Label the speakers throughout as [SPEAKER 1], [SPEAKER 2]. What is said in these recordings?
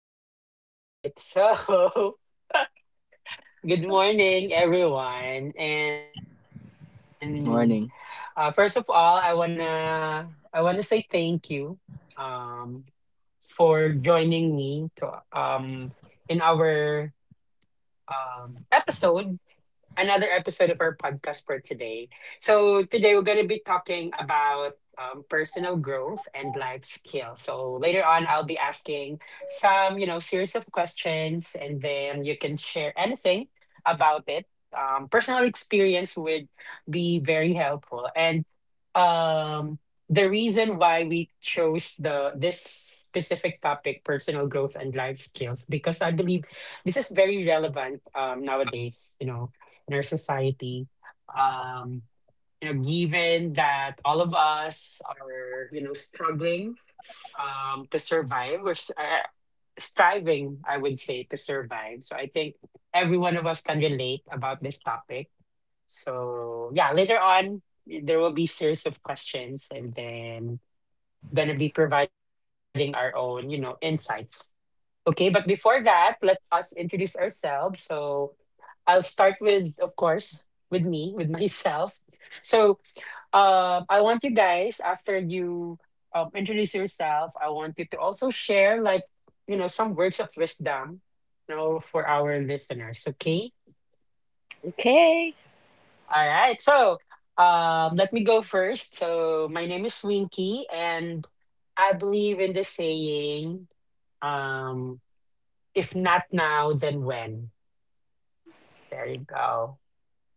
[SPEAKER 1] All right. So, good morning, everyone. And
[SPEAKER 2] Morning.
[SPEAKER 1] first of all, I wanna say thank you um, for joining me to in our episode another episode of our podcast for today. So today we're going to be talking about personal growth and life skills. So later on, I'll be asking some series of questions, and then you can share anything about it. Personal experience would be very helpful. And um the reason why we chose the this specific topic, personal growth and life skills, because I believe this is very relevant nowadays in our society, um given that all of us are struggling to survive, or striving, I would say, to survive. So I think every one of us can relate about this topic. So yeah, later on there will be series of questions, and then gonna be providing our own, insights. Okay, but before that, let us introduce ourselves. So I'll start with, of course, with me, with myself. So I want you guys, after you introduce yourself, I want you to also share like, some words of wisdom, for our listeners. Okay.
[SPEAKER 3] Okay.
[SPEAKER 1] All right. So, let me go first. So, my name is Winky, and I believe in the saying, um, if not now, then when? There you go.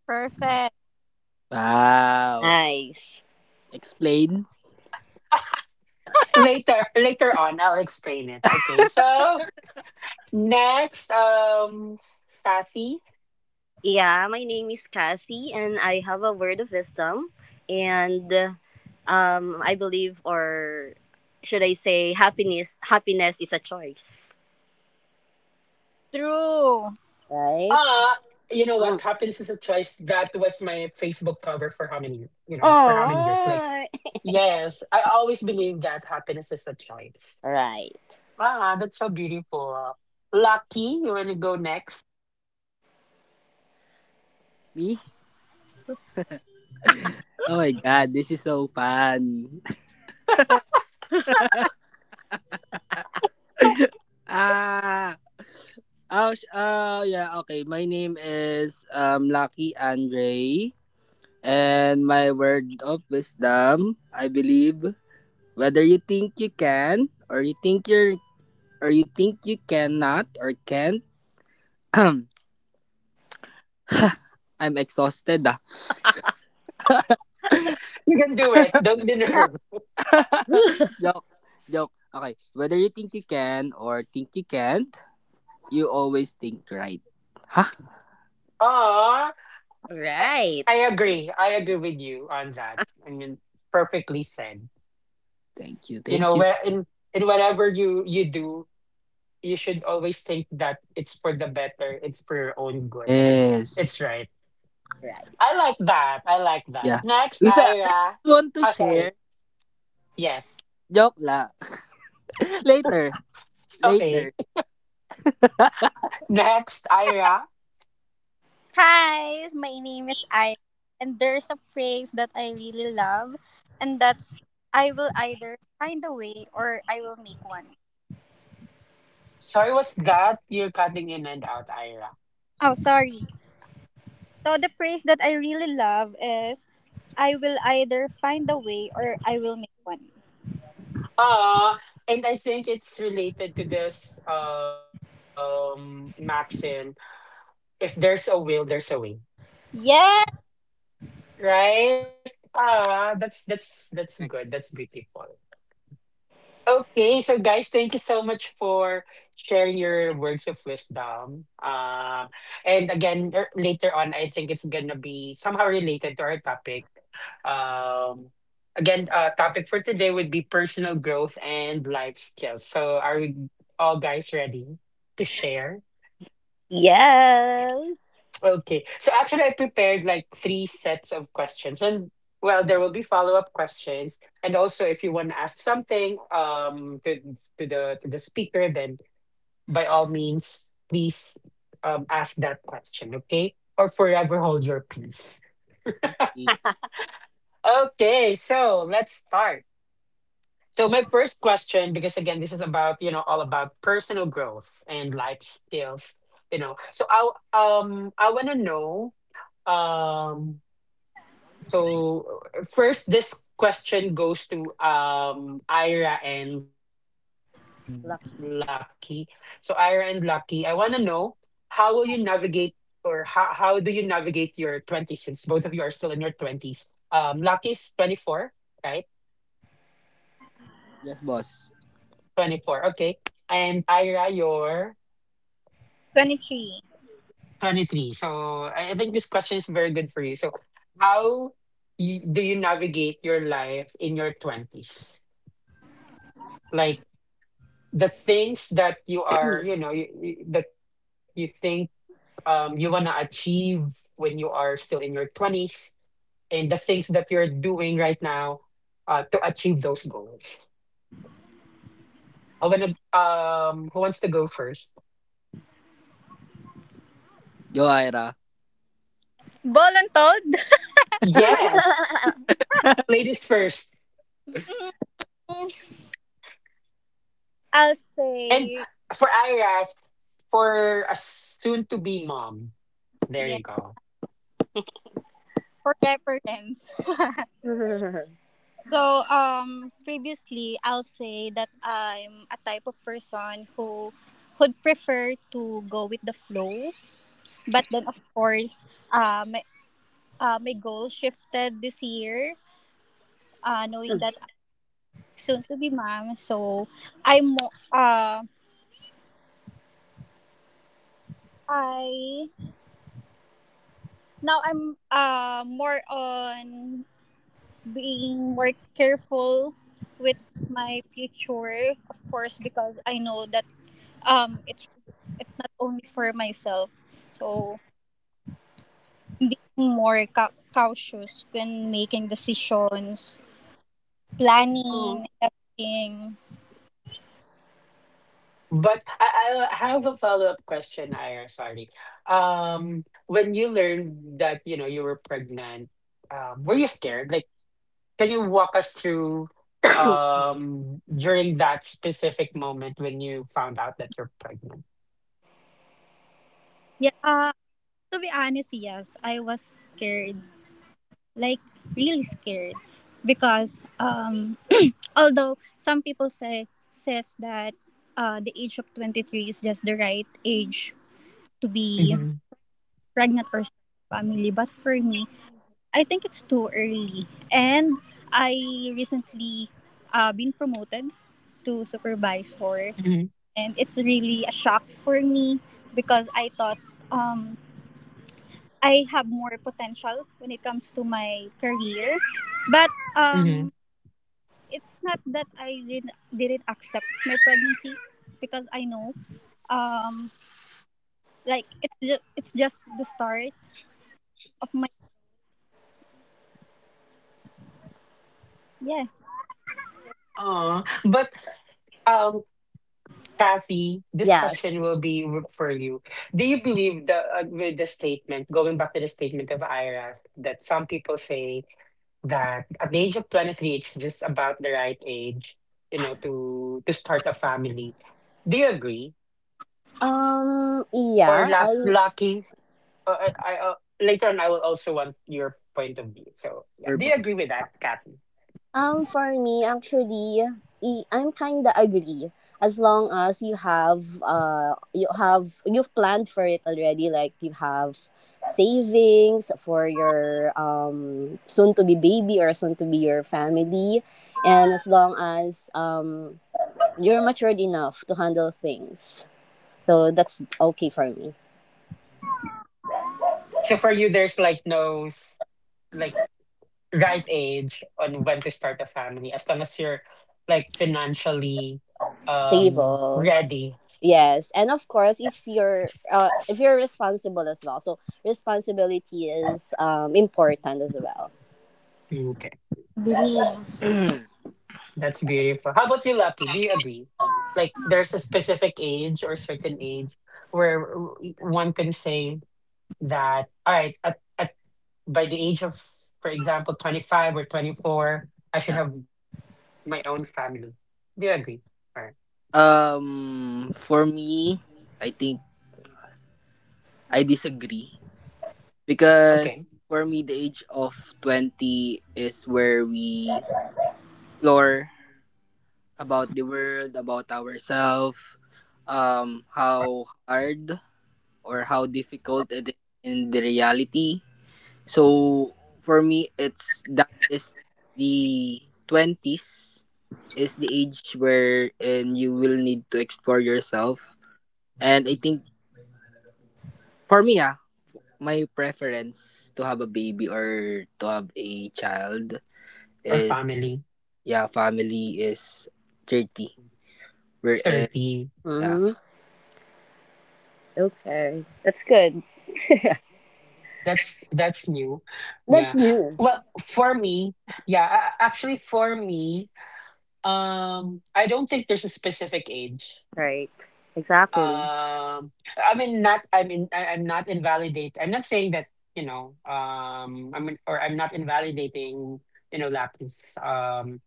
[SPEAKER 4] Perfect.
[SPEAKER 2] Wow.
[SPEAKER 3] Nice.
[SPEAKER 2] Explain
[SPEAKER 1] Later on, I'll explain it. Okay. So, next, Sassy.
[SPEAKER 3] Yeah, my name is Cassie, and I have a word of wisdom. And I believe, or should I say, happiness? Happiness is a choice,
[SPEAKER 1] Uh,
[SPEAKER 4] True.
[SPEAKER 1] you know what?
[SPEAKER 3] right?
[SPEAKER 1] Happiness is a choice.
[SPEAKER 3] Mm.
[SPEAKER 1] That was my Facebook cover for how many, for how many years? Like,
[SPEAKER 3] Oh,
[SPEAKER 1] yes, I always believe that happiness is a choice.
[SPEAKER 3] right,
[SPEAKER 1] Wow, that's so beautiful. Lucky, you want to go next?
[SPEAKER 2] me? Oh my god, this is so fun. ah. Oh, yeah, okay. My name is Lucky Andre, and my word of wisdom: I believe whether you think you can or you think you cannot or can't. I'm exhausted. Ah.
[SPEAKER 1] You can do it. Don't be nervous.
[SPEAKER 2] Joke, joke. Okay, whether you think you can or think you can't, you always think right. Huh?
[SPEAKER 1] Aw, I,
[SPEAKER 3] right,
[SPEAKER 1] I agree. I agree with you on that. I mean, perfectly said.
[SPEAKER 2] Thank you,
[SPEAKER 1] You
[SPEAKER 2] thank
[SPEAKER 1] know,
[SPEAKER 2] you.
[SPEAKER 1] where in whatever you do, you should always think that it's for the better. It's for your own good, and it's
[SPEAKER 2] Yes.
[SPEAKER 1] it's right. I
[SPEAKER 3] right.
[SPEAKER 1] like that. I like that.
[SPEAKER 2] Yeah.
[SPEAKER 1] Next,
[SPEAKER 2] Because I just
[SPEAKER 1] Ira.
[SPEAKER 2] want to
[SPEAKER 1] Oh, sorry.
[SPEAKER 2] share.
[SPEAKER 1] Yes.
[SPEAKER 2] Joke la. Later,
[SPEAKER 1] Okay.
[SPEAKER 2] later.
[SPEAKER 1] Next, Ira.
[SPEAKER 4] Hi, my name is I, and there's a phrase that I really love, and that's I will either find a way or I will make one.
[SPEAKER 1] Sorry, what's that? You're cutting in and out, Ira.
[SPEAKER 4] Oh, sorry. So the phrase that I really love is I will either find a way or I will make one.
[SPEAKER 1] Ah, and I think it's related to this maxim, if there's a will, there's a way.
[SPEAKER 4] Yeah,
[SPEAKER 1] Right? That's
[SPEAKER 2] Correct.
[SPEAKER 1] good. That's beautiful. Okay, so guys, thank you so much for sharing your words of wisdom. And again, later on, I think it's gonna be somehow related to our topic. Um, Again, topic for today would be personal growth and life skills. So, are we all guys ready to share?
[SPEAKER 3] Yes,
[SPEAKER 1] Okay. So actually, I prepared like three sets of questions, and well, there will be follow-up questions, and also if you want to ask something to the speaker, then by all means, please ask that question, okay? Or forever hold your peace.
[SPEAKER 2] Okay.
[SPEAKER 1] Okay, so let's start. So my first question, because again, this is about all about personal growth and life skills. I want to know. um First, this question goes to Ira and Lucky. So Ira
[SPEAKER 3] lucky.
[SPEAKER 1] and Lucky, I want to know, how will you navigate, or how do you navigate your twenties, since both of you are still in your twenties? Lucky's 24, right?
[SPEAKER 2] Yes, boss.
[SPEAKER 1] 24. Okay, and Ira, you're
[SPEAKER 4] 23.
[SPEAKER 1] 23. So I think this question is very good for you. So how do you navigate your life in your twenties? Like, the things that you are, that you think you want to achieve when you are still in your 20s, and the things that you're doing right now to achieve those goals. I want to Who wants to go first?
[SPEAKER 2] Yo, Ira.
[SPEAKER 4] Voluntold?
[SPEAKER 1] Yes, ladies first.
[SPEAKER 4] Mm,
[SPEAKER 1] And for
[SPEAKER 4] I'll
[SPEAKER 1] Ira's,
[SPEAKER 4] say,
[SPEAKER 1] for a soon to be mom, there you go.
[SPEAKER 4] yeah, for reference. Previously, I'll say that I'm a type of person who would prefer to go with the flow. But then, of course, my, my goal shifted this year, knowing that I'm soon to be mom. So, I'm, mo- uh, I, now I'm more on being more careful with my future, of course, because I know that um it's it's not only for myself, so I'm being more cautious when making decisions,
[SPEAKER 1] Oh,
[SPEAKER 4] planning everything.
[SPEAKER 1] but I have a follow-up question, Ira. Sorry. When you learned that, you know, you were pregnant, were you scared? Like, can you walk us through during that specific moment when you found out that you're pregnant?
[SPEAKER 4] Yeah. To be honest, yes, I was scared, like really scared, because although some people says that the age of 23 is just the right age to be
[SPEAKER 1] Mm-hmm.
[SPEAKER 4] pregnant or start a family, but for me I think it's too early. And I recently been promoted to
[SPEAKER 1] Mm-hmm.
[SPEAKER 4] supervisor, and it's really a shock for me because I thought um, I have more potential when it comes to my career, but
[SPEAKER 1] Mm-hmm.
[SPEAKER 4] um, it's not that I didn't accept my pregnancy, because I know um, like it's just the start of my, yeah,
[SPEAKER 1] Oh, but um, Kathy, this
[SPEAKER 3] Yes.
[SPEAKER 1] question will be for you. Do you believe the with the statement, going back to the statement of Ira, that some people say that at the age of 23 it's just about the right age, to start a family? Do you agree? Or
[SPEAKER 3] Yeah. I
[SPEAKER 1] Lucky? Uh, I, I, uh, Later on I will also want your point of view. So, yeah,
[SPEAKER 2] Sure,
[SPEAKER 1] do you
[SPEAKER 2] boss.
[SPEAKER 1] agree with that, Kathy?
[SPEAKER 3] For me, actually, I'm kinda agree. As long as you have, you've planned for it already. Like you have savings for your soon to be baby or soon to be your family, and as long as you're matured enough to handle things, so that's okay for me.
[SPEAKER 1] So for you there's like no like right age on when to start a family, as long as you're like financially
[SPEAKER 3] Stable.
[SPEAKER 1] ready.
[SPEAKER 3] Yes, and of course, if you're responsible as well, so responsibility is important as well.
[SPEAKER 1] Okay,
[SPEAKER 4] dreams.
[SPEAKER 2] Yeah.
[SPEAKER 1] that's beautiful. How about you, Lucky, do you agree, like there's a specific age or certain age where one can say that, all right, at by the age of, for example, 25 or 24, I should have my own family? Do you agree? All right.
[SPEAKER 2] For me, I think I disagree.
[SPEAKER 1] Okay.
[SPEAKER 2] Because for me, the age of 20 is where we explore about the world, about ourselves, how hard or how difficult it is in the reality. So for me, it's that is, the 20s is the age wherein you will need to explore yourself. And I think for me, my preference to have a baby or to have a child
[SPEAKER 1] Or
[SPEAKER 2] is,
[SPEAKER 1] family
[SPEAKER 2] yeah, family is 30. Wherein,
[SPEAKER 1] 30.
[SPEAKER 2] yeah.
[SPEAKER 3] Mm-hmm. Okay, that's good.
[SPEAKER 1] That's new. Yeah. Well,
[SPEAKER 3] That's
[SPEAKER 1] for
[SPEAKER 3] new,
[SPEAKER 1] me, yeah, actually for me, I don't think there's a specific age.
[SPEAKER 3] right? Exactly.
[SPEAKER 1] Um I mean, not, I mean, I'm not invalidate. I'm not saying that, you know, I mean, or I'm not invalidating, you know, lapis. Um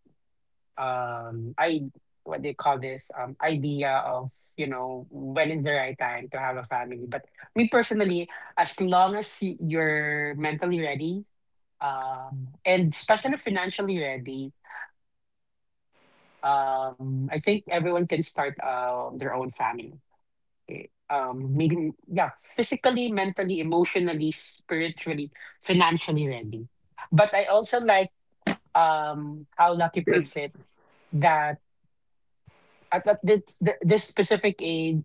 [SPEAKER 1] um I what they call this idea of, you know, when is the right time to have a family. But me personally, as long as you're mentally ready and especially financially ready, I think everyone can start their own family. Eh, Maybe, yeah, physically, mentally, emotionally, spiritually, financially ready. But I also like how Lucky puts it, that at that this th- this specific age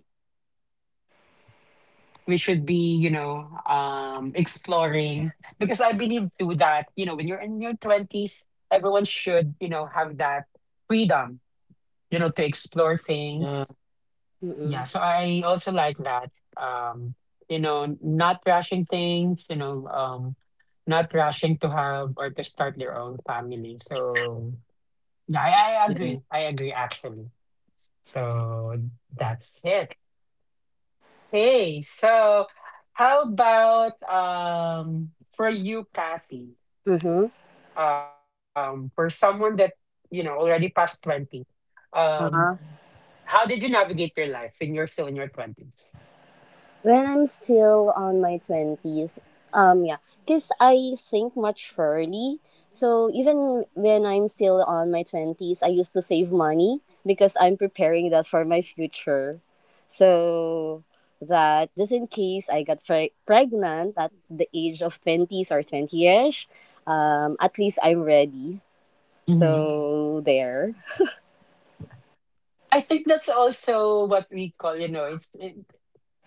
[SPEAKER 1] we should be, you know, exploring. Because I believe too that, when you're in your 20s, everyone should, have that freedom, to explore things.
[SPEAKER 2] Yeah.
[SPEAKER 1] Yeah.
[SPEAKER 3] Mm-hmm.
[SPEAKER 1] So I also like that, um not rushing things, not rushing to have or to start their own family. So yeah, I
[SPEAKER 2] Yeah.
[SPEAKER 1] agree. Actually, so that's it. Hey, so how about for you, Kathy,
[SPEAKER 3] Mm-hmm.
[SPEAKER 1] for someone that, you know, already past 20, um, how did you navigate your life when you're still in your 20s?
[SPEAKER 3] When I'm still on my 20s, yeah, because I think maturely. So even when I'm still on my 20s, I used to save money because I'm preparing that for my future. So that just in case I got pregnant at the age of 20s or 20ish, at least I'm ready.
[SPEAKER 1] Mhm.
[SPEAKER 3] So there,
[SPEAKER 1] I think that's also what we call, you know, it's it,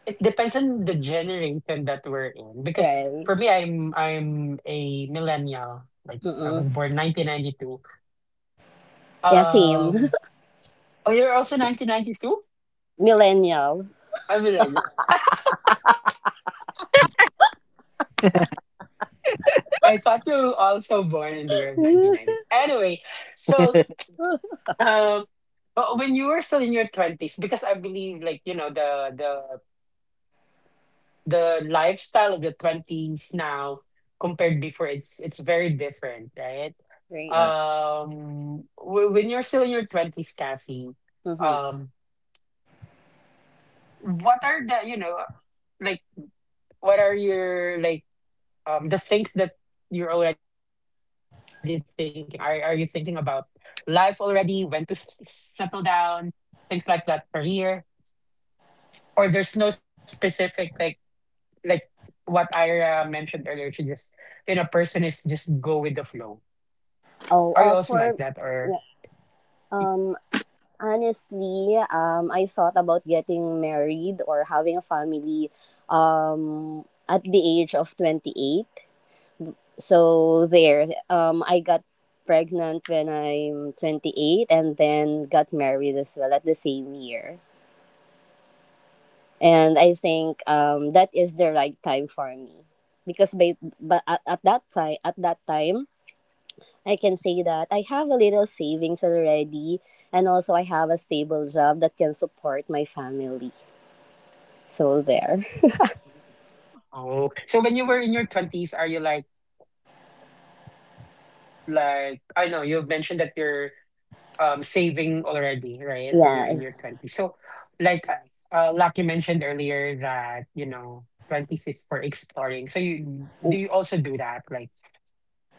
[SPEAKER 1] It depends on the generation that we're in, because
[SPEAKER 3] right?
[SPEAKER 1] for me, I'm a millennial. Like I was
[SPEAKER 3] Mm-mm.
[SPEAKER 1] born 1992.
[SPEAKER 3] Yeah, same.
[SPEAKER 1] Um oh, you're also 1992?
[SPEAKER 3] Millennial.
[SPEAKER 1] I'm millennial. I thought you were also born in the year of 1992. Anyway, so um but when you were still in your 20s, because I believe like, you know, the lifestyle of the 20s now compared before, it's very different, right?
[SPEAKER 3] Great.
[SPEAKER 2] Yeah.
[SPEAKER 1] When you're still in your 20s, Kathy,
[SPEAKER 3] Mm-hmm.
[SPEAKER 1] um what are the, you know, like what are your, like the things that you're already thinking, are you thinking about life already, when to settle down, things like that, career? Or there's no specific, like what Ira mentioned earlier, she just, you know, person is just go with the flow.
[SPEAKER 3] Oh,
[SPEAKER 1] Are you also like
[SPEAKER 3] for
[SPEAKER 1] that? Or
[SPEAKER 3] yeah, um, honestly, I thought about getting married or having a family, at the age of 28. So there, I got pregnant when I'm 28, and then got married as well at the same year. And I think that is the right time for me, because at that time, I can say that I have a little savings already, and also I have a stable job that can support my family. So there.
[SPEAKER 1] oh, so when you were in your 20s, are you like, I know you've mentioned that you're saving already, right? When you're in
[SPEAKER 3] Yes.
[SPEAKER 1] your 20s. So like Lucky mentioned earlier that, you know, 20s is for exploring. So you also do that? Like.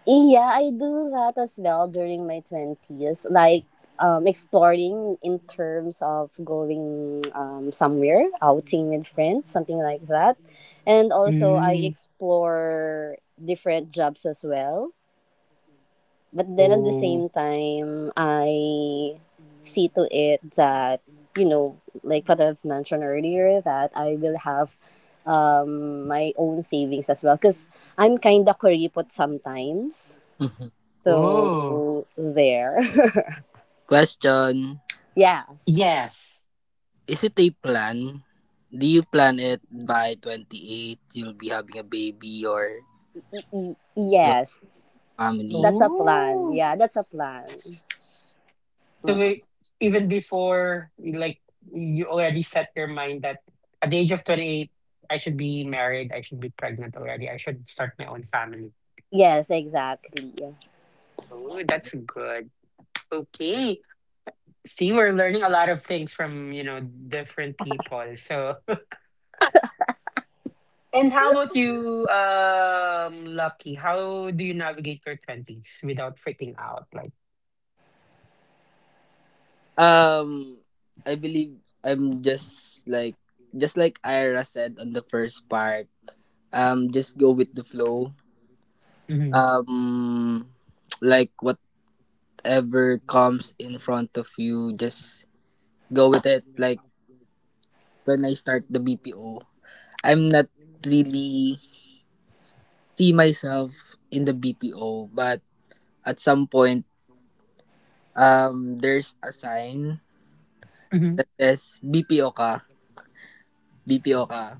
[SPEAKER 3] Yeah, I do that as well during my 20s, like exploring in terms of going somewhere, outing with friends, something like that. And also, I
[SPEAKER 1] Mm.
[SPEAKER 3] explore different jobs as well. But then at the
[SPEAKER 1] Oh.
[SPEAKER 3] same time, I see to it that, you know, like what I've mentioned earlier, that I will have my own savings as well. Because I'm kind of kuripot sometimes.
[SPEAKER 2] Mhm.
[SPEAKER 1] Oh,
[SPEAKER 3] So there.
[SPEAKER 2] Question:
[SPEAKER 3] Yes.
[SPEAKER 1] yes.
[SPEAKER 2] is it a plan? Do you plan it by 28, you'll be having a baby or your
[SPEAKER 3] Yes.
[SPEAKER 2] family?
[SPEAKER 3] That's a plan.
[SPEAKER 1] Oh.
[SPEAKER 3] Yeah, that's a plan.
[SPEAKER 1] So
[SPEAKER 3] Mm.
[SPEAKER 1] we, even before, like, you already set your mind that at the age of 28, I should be married, I should be pregnant already, I should start my own family.
[SPEAKER 3] Yes, exactly.
[SPEAKER 1] Oh, that's good. Okay. See, we're learning a lot of things from, you know, different people. So, and how about you, Lucky? How do you navigate your twenties without freaking out? Like,
[SPEAKER 2] Um, I believe I'm just like, Ira said on the first part, just go with the flow.
[SPEAKER 1] hmm
[SPEAKER 2] Um, like whatever comes in front of you, just go with it. Like when I start the BPO, I'm not really see myself in the BPO, but at some point, there's a sign
[SPEAKER 1] hmm
[SPEAKER 2] that says BPO ka, BPO ka.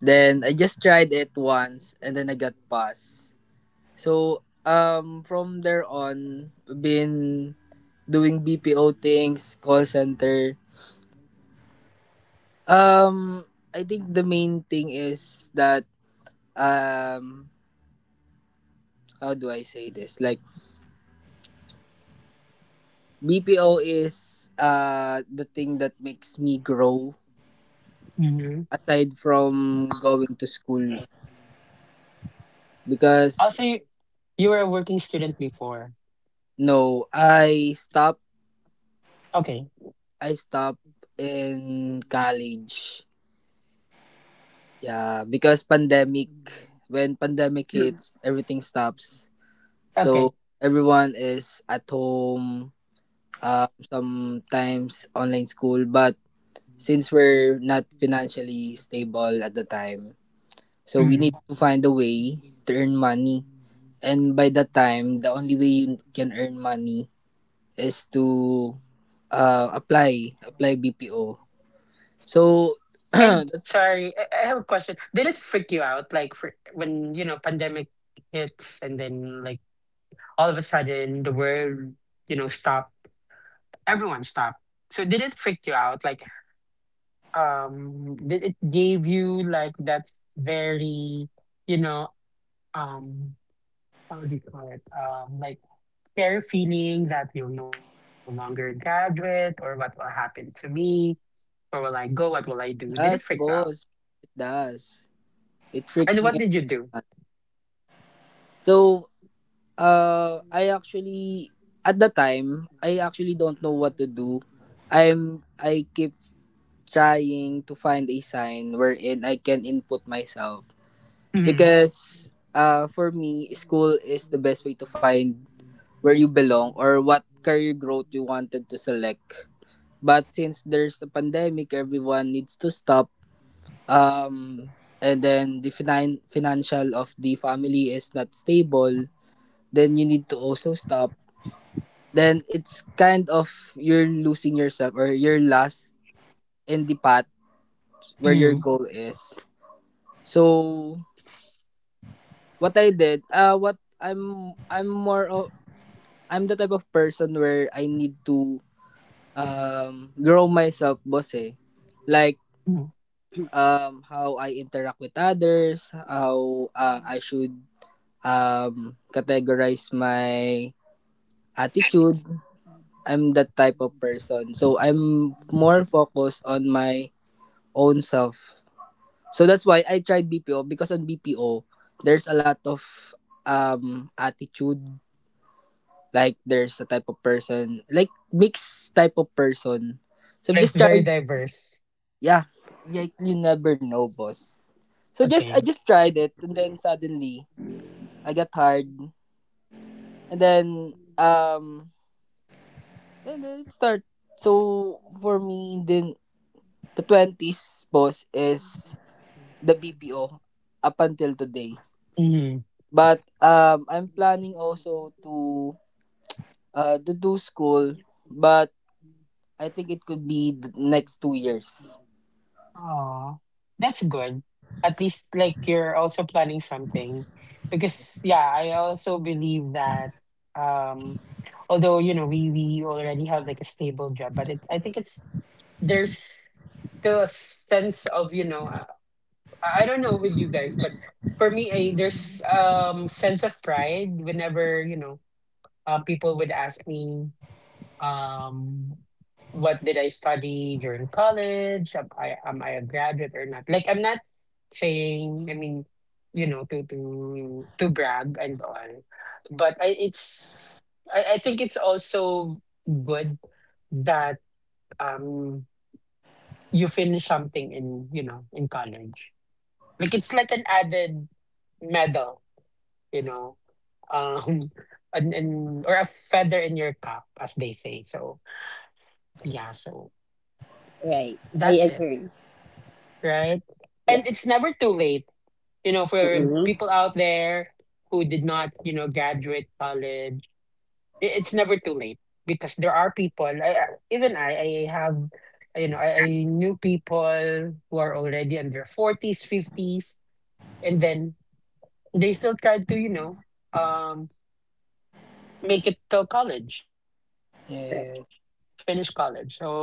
[SPEAKER 2] Then I just tried it once, and then I got passed. So, from there on, been doing BPO things, call center. Um, I think the main thing is that, um, how do I say this? Like, BPO is the thing that makes me grow,
[SPEAKER 1] hmm,
[SPEAKER 2] aside from going to school, because,
[SPEAKER 1] also, you were a working student before.
[SPEAKER 2] no, I stopped
[SPEAKER 1] Okay,
[SPEAKER 2] I stopped in college, yeah, because pandemic, when pandemic hits, everything stops, so
[SPEAKER 1] okay.
[SPEAKER 2] everyone is at home. Sometimes online school, but since we're not financially stable at the time, so we
[SPEAKER 1] Hmm.
[SPEAKER 2] need to find a way to earn money, and by that time the only way you can earn money is to apply BPO. So,
[SPEAKER 1] And sorry, I,
[SPEAKER 2] that's
[SPEAKER 1] I have a question. Did it freak you out, like, for when, you know, pandemic hits, and then like all of a sudden the world, you know, stopped, everyone stopped? So did it freak you out, like, did it gave you, like, that's very, you know, um how do you call it, like, scary feeling that you'll no longer graduate, or what will happen to me, where will I go, what will I do? Did it freak you
[SPEAKER 2] that's
[SPEAKER 1] out,
[SPEAKER 2] boss, it does it
[SPEAKER 1] and
[SPEAKER 2] freaks
[SPEAKER 1] what
[SPEAKER 2] me
[SPEAKER 1] did you do?
[SPEAKER 2] out. So, I actually at the time I actually don't know what to do. I keep trying to find a sign wherein I can input myself,
[SPEAKER 1] Hmm.
[SPEAKER 2] because, for me, school is the best way to find where you belong or what career growth you wanted to select. But since there's a pandemic, everyone needs to stop. Um, and then the financial of the family is not stable, then you need to also stop. Then it's kind of you're losing yourself, or you're lost in the path where your
[SPEAKER 1] Mm.
[SPEAKER 2] goal is. So what I did, what I'm more of I'm the type of person where I need to grow myself, boss, eh, like,
[SPEAKER 1] Mm.
[SPEAKER 2] how I interact with others, how, I should categorize my attitude. I'm that type of person. So I'm more focused on my own self, so that's why I tried BPO, because on BPO there's a lot of attitude. Like there's a type of person, like mixed type of person, so I'm
[SPEAKER 1] It's
[SPEAKER 2] just
[SPEAKER 1] very
[SPEAKER 2] trying.
[SPEAKER 1] diverse.
[SPEAKER 2] Yeah, yeah, you never know, boss. So, just I
[SPEAKER 1] Okay.
[SPEAKER 2] just tried it, and then suddenly I got tired, and then, then it start. So for me, then, the 20s, boss, is the BPO up until today.
[SPEAKER 1] Hmm.
[SPEAKER 2] But, I'm planning also to, to do school, but I think it could be the next 2 years.
[SPEAKER 1] Oh, that's good. At least like you're also planning something. Because yeah, I also believe that um although you know we already have like a stable job, but it I think it's there's still a sense of you know I don't know with you guys but for me there's sense of pride whenever you know people would ask me um what did I study during college, am I a graduate or not. Like I'm not saying I mean you know to brag and all but it's I think it's also good that um you finish something in you know in college, like it's like an added medal you know um and or a feather in your cap as they say, so yeah, so
[SPEAKER 3] Right. I
[SPEAKER 1] that's it,
[SPEAKER 3] agree.
[SPEAKER 1] right? And
[SPEAKER 3] Yes.
[SPEAKER 1] it's never too late you know for
[SPEAKER 3] Mm-hmm.
[SPEAKER 1] people out there who did not you know graduate college. It's never too late because there are people even I have you know I knew people who are already in their 40s, 50s, and then they still tried to, you know, um, make it till college, finish college.
[SPEAKER 3] Right.
[SPEAKER 2] Yeah,
[SPEAKER 1] So yeah, it's never too late.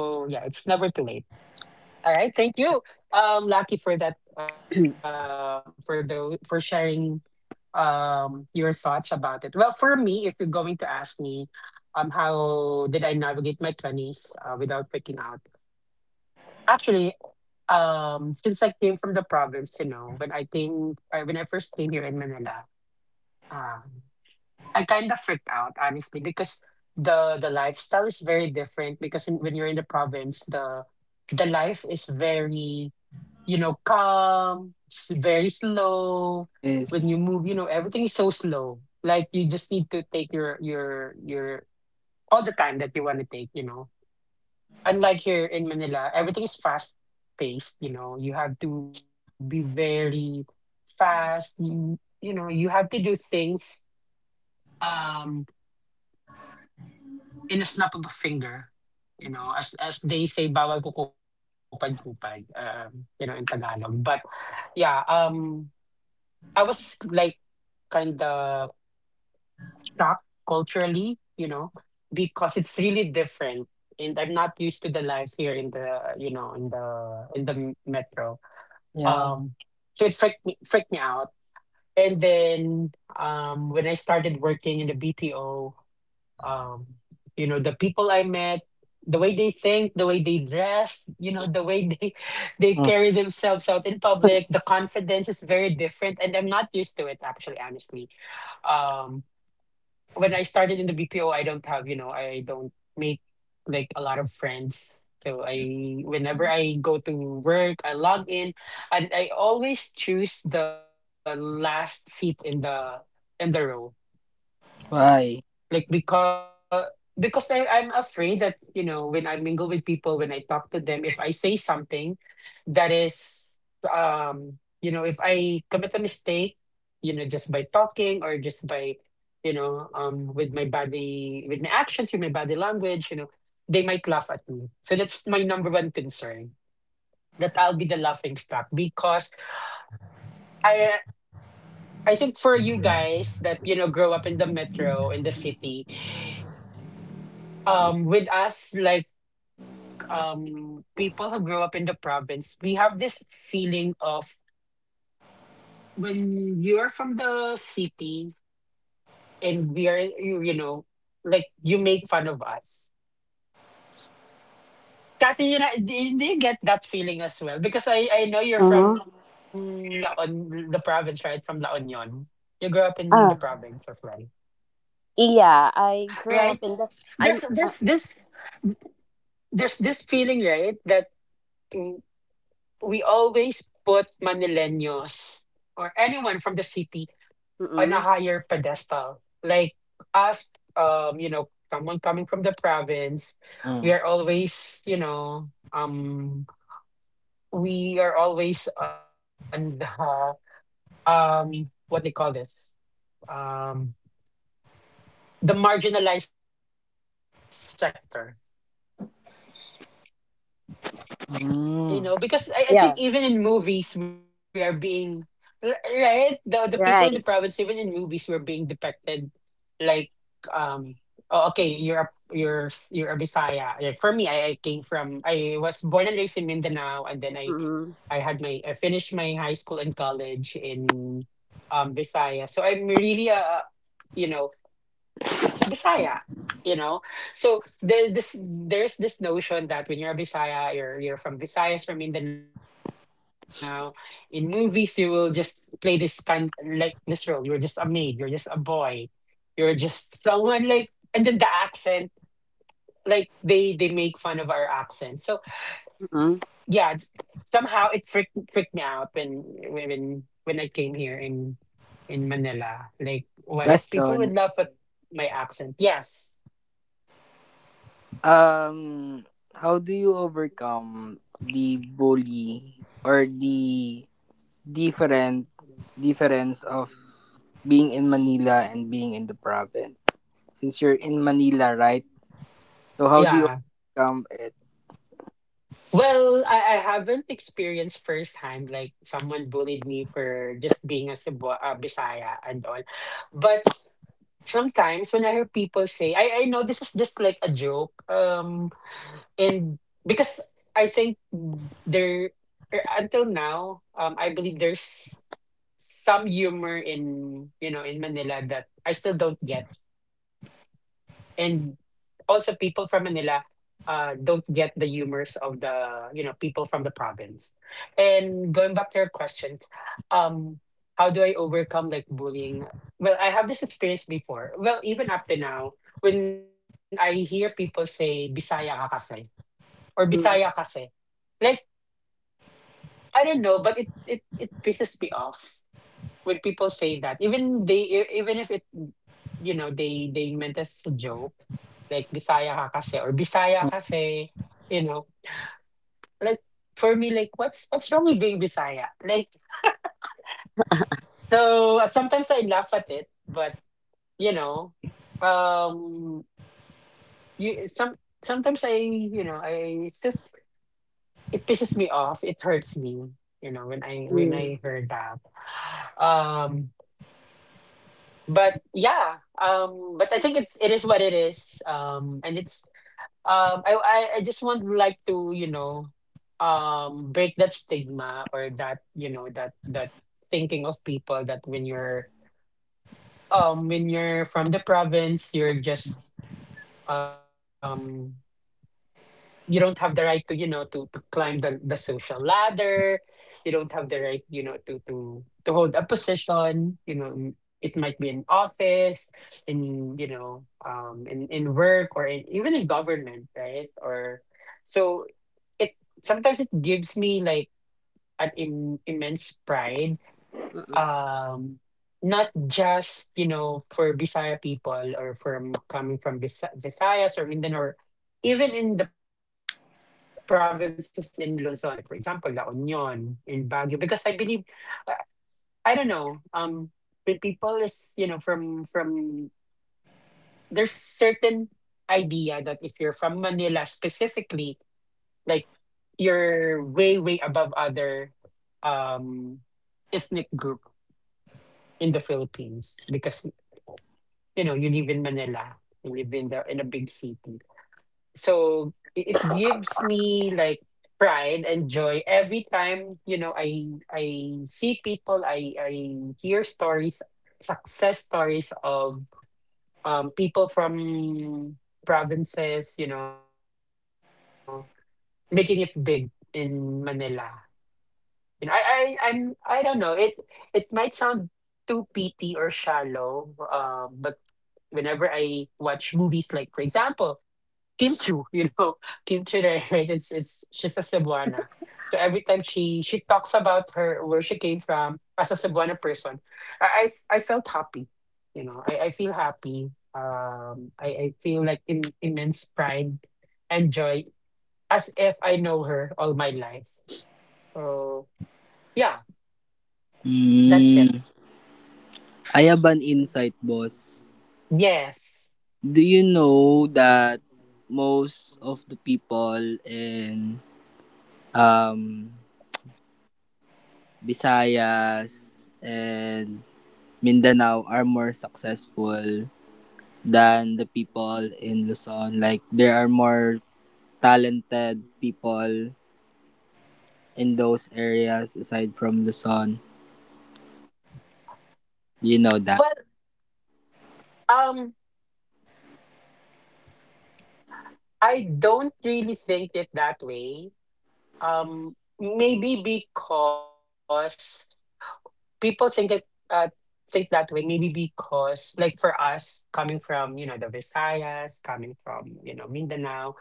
[SPEAKER 1] All right, thank you, Lucky, for that, for the for sharing your thoughts about it. Well, for me, if you're going to ask me, how did I navigate my twenties without freaking out? Actually, since I came from the province, you know, when I came, when I first came here in Manila, um, I kind of freaked out, honestly, because the lifestyle is very different. Because in, when you're in the province, the life is very, you know, calm, very slow. When you
[SPEAKER 2] is
[SPEAKER 1] move, you know, everything is so slow. Like you just need to take your all the time that you want to take, you know. Unlike here in Manila, everything is fast paced, you know. You have to be very fast. You know, you have to do things Um. in a snap of a finger, you know, as they say, bawal kupad-kupad, you know, in Tagalog. But yeah, I was like kind of shocked culturally, you know, because it's really different, and I'm not used to the life here in the, you know, in the metro.
[SPEAKER 2] yeah.
[SPEAKER 1] Um, so it freaked me out. And then when I started working in the BPO, um you know the people I met, the way they think, the way they dress, you know, the way they they
[SPEAKER 2] Mm.
[SPEAKER 1] carry themselves out in public, the confidence is very different, and I'm not used to it actually, honestly. um when I started in the BPO, I don't have you know I don't make like a lot of friends, so I whenever I go to work I log in and I always choose the last seat in the row. Like,
[SPEAKER 2] Why?
[SPEAKER 1] because I'm afraid that, you know, when I mingle with people, when I talk to them, if I say something that is, um, you know, if I commit a mistake, you know, just by talking or just by, you know, with my body, with my actions, with my body language, you know, they might laugh at me. So that's my number one concern, that I'll be the laughing stock, because I I think for you guys that, you know, grow up in the metro, in the city, with us, like people who grow up in the province, we have this feeling of when you're from the city and we are you know, like you make fun of us. Kathy, you know, do you get that feeling as well? Because I know you're
[SPEAKER 3] Uh-huh.
[SPEAKER 1] from La On, the province, right? From La Union. You grew up in the
[SPEAKER 3] Ah.
[SPEAKER 1] province as well,
[SPEAKER 3] Yeah, I grew up
[SPEAKER 1] right?
[SPEAKER 3] in the.
[SPEAKER 1] There's
[SPEAKER 3] I'm.
[SPEAKER 1] there's this feeling, right, that mm, we always put Manileños or anyone from the city on a
[SPEAKER 3] Mm-mm.
[SPEAKER 1] higher pedestal. Like us, you know, someone coming from the province, we
[SPEAKER 2] Mm.
[SPEAKER 1] are always, you know, we are always on the what they call this, um, the marginalized sector. You know, because I think
[SPEAKER 2] Mm.
[SPEAKER 1] even in
[SPEAKER 3] Yeah,
[SPEAKER 1] movies we are being right, the people in the province, even in movies,
[SPEAKER 3] right.
[SPEAKER 1] were being depicted like um oh, okay, you're a you're a Bisaya. Like for me, I came from, I was born and raised in Mindanao, and then
[SPEAKER 3] Mm-mm.
[SPEAKER 1] I had my, I finished my high school and college in Bisaya, so I'm really a you know Bisaya, you know. So there's this notion that when you're a Bisaya, you're from Visayas, from Mindanao. In movies, you will just play this kind, like this role. You're just a maid. You're just a boy. You're just someone like, and then the accent, like they make fun of our accent. So yeah,
[SPEAKER 3] Mm-mm.
[SPEAKER 1] somehow it freaked me out when I came here in Manila. Like, what if people
[SPEAKER 2] Question.
[SPEAKER 1] would laugh at my accent? Yes.
[SPEAKER 2] Um, how do you overcome the bully, or the different difference of being in Manila and being in the province? Since you're in Manila, right? So how do you
[SPEAKER 1] Yeah.
[SPEAKER 2] overcome it?
[SPEAKER 1] Well, I haven't experienced firsthand like someone bullied me for just being a Cebu Bisaya and all. But sometimes when I hear people say, I know this is just like a joke. And because I think there until now, I believe there's some humor in you know in Manila that I still don't get. And also people from Manila don't get the humors of the you know people from the province. And going back to your questions, um, how do I overcome like bullying? Well, I have this experience before. Well, even up to now, when I hear people say "Bisaya ka kasi" or "Bisaya
[SPEAKER 3] Mm-mm.
[SPEAKER 1] kasi," like I don't know, but it pisses me off when people say that, even they even if it you know they meant as a joke, like Bisaya ka kasi or Bisaya kasi, you know. Like for me, like what's wrong with being Bisaya? Like, so sometimes I laugh at it, but you know um you sometimes I you know I still, it pisses me off, it hurts me, you know, when I when
[SPEAKER 3] Mm-mm.
[SPEAKER 1] I heard that, um but yeah, but I think it is what it is, and it's I just want, like, to you know break that stigma or that you know that thinking of people that when you're from the province, you're just um you don't have the right to you know to climb the, social ladder. You don't have the right you know to hold a position, you know, it might be in office, in you know in work, or in, even in government, right? Or so it, sometimes it gives me like an immense pride,
[SPEAKER 3] Mm-mm.
[SPEAKER 1] um not just you know for Bisaya people or from coming from Visayas or Mindanao, or even in the provinces in Luzon, like for example La Union in Baguio. Because I believe, I, I don't know, the people is you know from there's certain idea that if you're from Manila specifically, like you're way above other um ethnic group in the Philippines, because you know, you live in Manila, you live in the in a big city. So it gives me like pride and joy every time, you know, I see people, I hear stories, success stories of people from provinces, you know, making it big in Manila. You know, I'm I don't know. It might sound too petty or shallow, but whenever I watch movies, like for example, Team Chu, you know, Team Chu, right? Right, it's, she's a Cebuana. So every time she talks about her, where she came from as a Cebuana person, I felt happy. You know, I feel happy. Um, I, I feel like immense pride and joy as if I know her all my life. So yeah, that's it.
[SPEAKER 2] Mm, I have an insight, boss.
[SPEAKER 1] Yes.
[SPEAKER 2] Do you know that most of the people in, um, Visayas and Mindanao, are more successful than the people in Luzon? Like, there are more talented people in those areas aside from Luzon. Do you know that?
[SPEAKER 1] Well, um, I don't really think it that way. Maybe because people think it uh, think that way. Maybe because, like for us, coming from you know the Visayas, coming from you know Mindanao,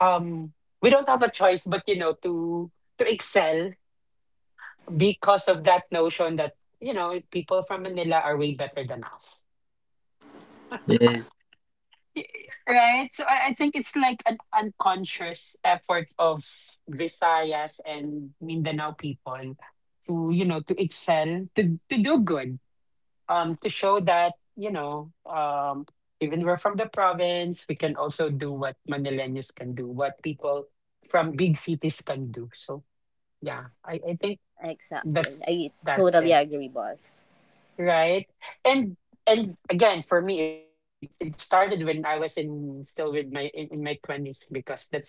[SPEAKER 1] um, we don't have a choice but you know to excel because of that notion that you know people from Manila are way better than us.
[SPEAKER 2] Yes.
[SPEAKER 1] Right. So I think it's like an unconscious effort of Visayas and Mindanao people to, you know, to excel, to, do good, to show that, you know, even we're from the province, we can also do what Manileños can do, what people from big cities can do. So yeah, I think
[SPEAKER 3] Exactly.
[SPEAKER 1] that's
[SPEAKER 3] I
[SPEAKER 1] that's
[SPEAKER 3] totally
[SPEAKER 1] it,
[SPEAKER 3] agree, boss.
[SPEAKER 1] right? And and again for me, it started when I was in still with my in my 20s, because that's,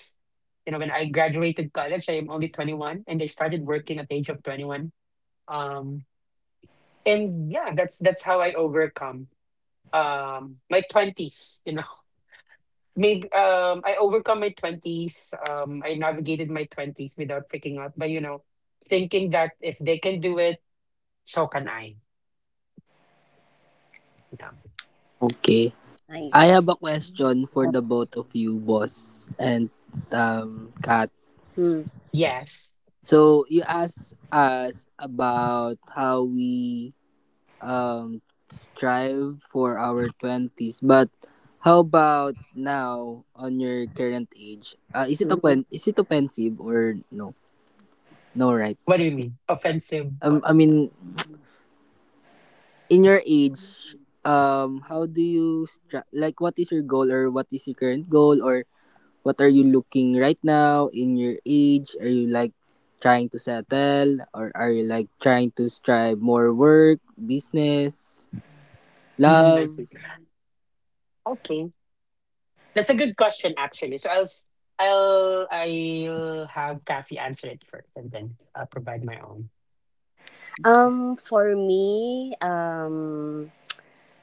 [SPEAKER 1] you know, when I graduated college. I am only 21, and I started working at the age of 21. Um and yeah, that's how I overcome my 20s, you know. Maybe I overcome my 20s, I navigated my 20s without freaking out, but you know, thinking that if they can do it, so can I. Yeah.
[SPEAKER 2] Okay. I
[SPEAKER 3] Nice.
[SPEAKER 2] have a question for the both of you, boss, and Kat.
[SPEAKER 3] Mm-hmm.
[SPEAKER 1] Yes.
[SPEAKER 2] So you asked us about how we strive for our twenties, but how about now, on your current age? Is it
[SPEAKER 3] Mm-hmm.
[SPEAKER 2] open? Is it offensive or no? No, right?
[SPEAKER 1] What do you mean? Offensive? What?
[SPEAKER 2] I mean, in your age, how do you like, what is your goal, or what is your current goal, or what are you looking right now in your age? Are you like trying to settle, or are you like trying to strive more work, business,
[SPEAKER 1] Mm, I see.
[SPEAKER 2] love?
[SPEAKER 1] Okay, that's a good question actually. So I'll have Kathy answer it first, and then I'll provide my own.
[SPEAKER 3] For me,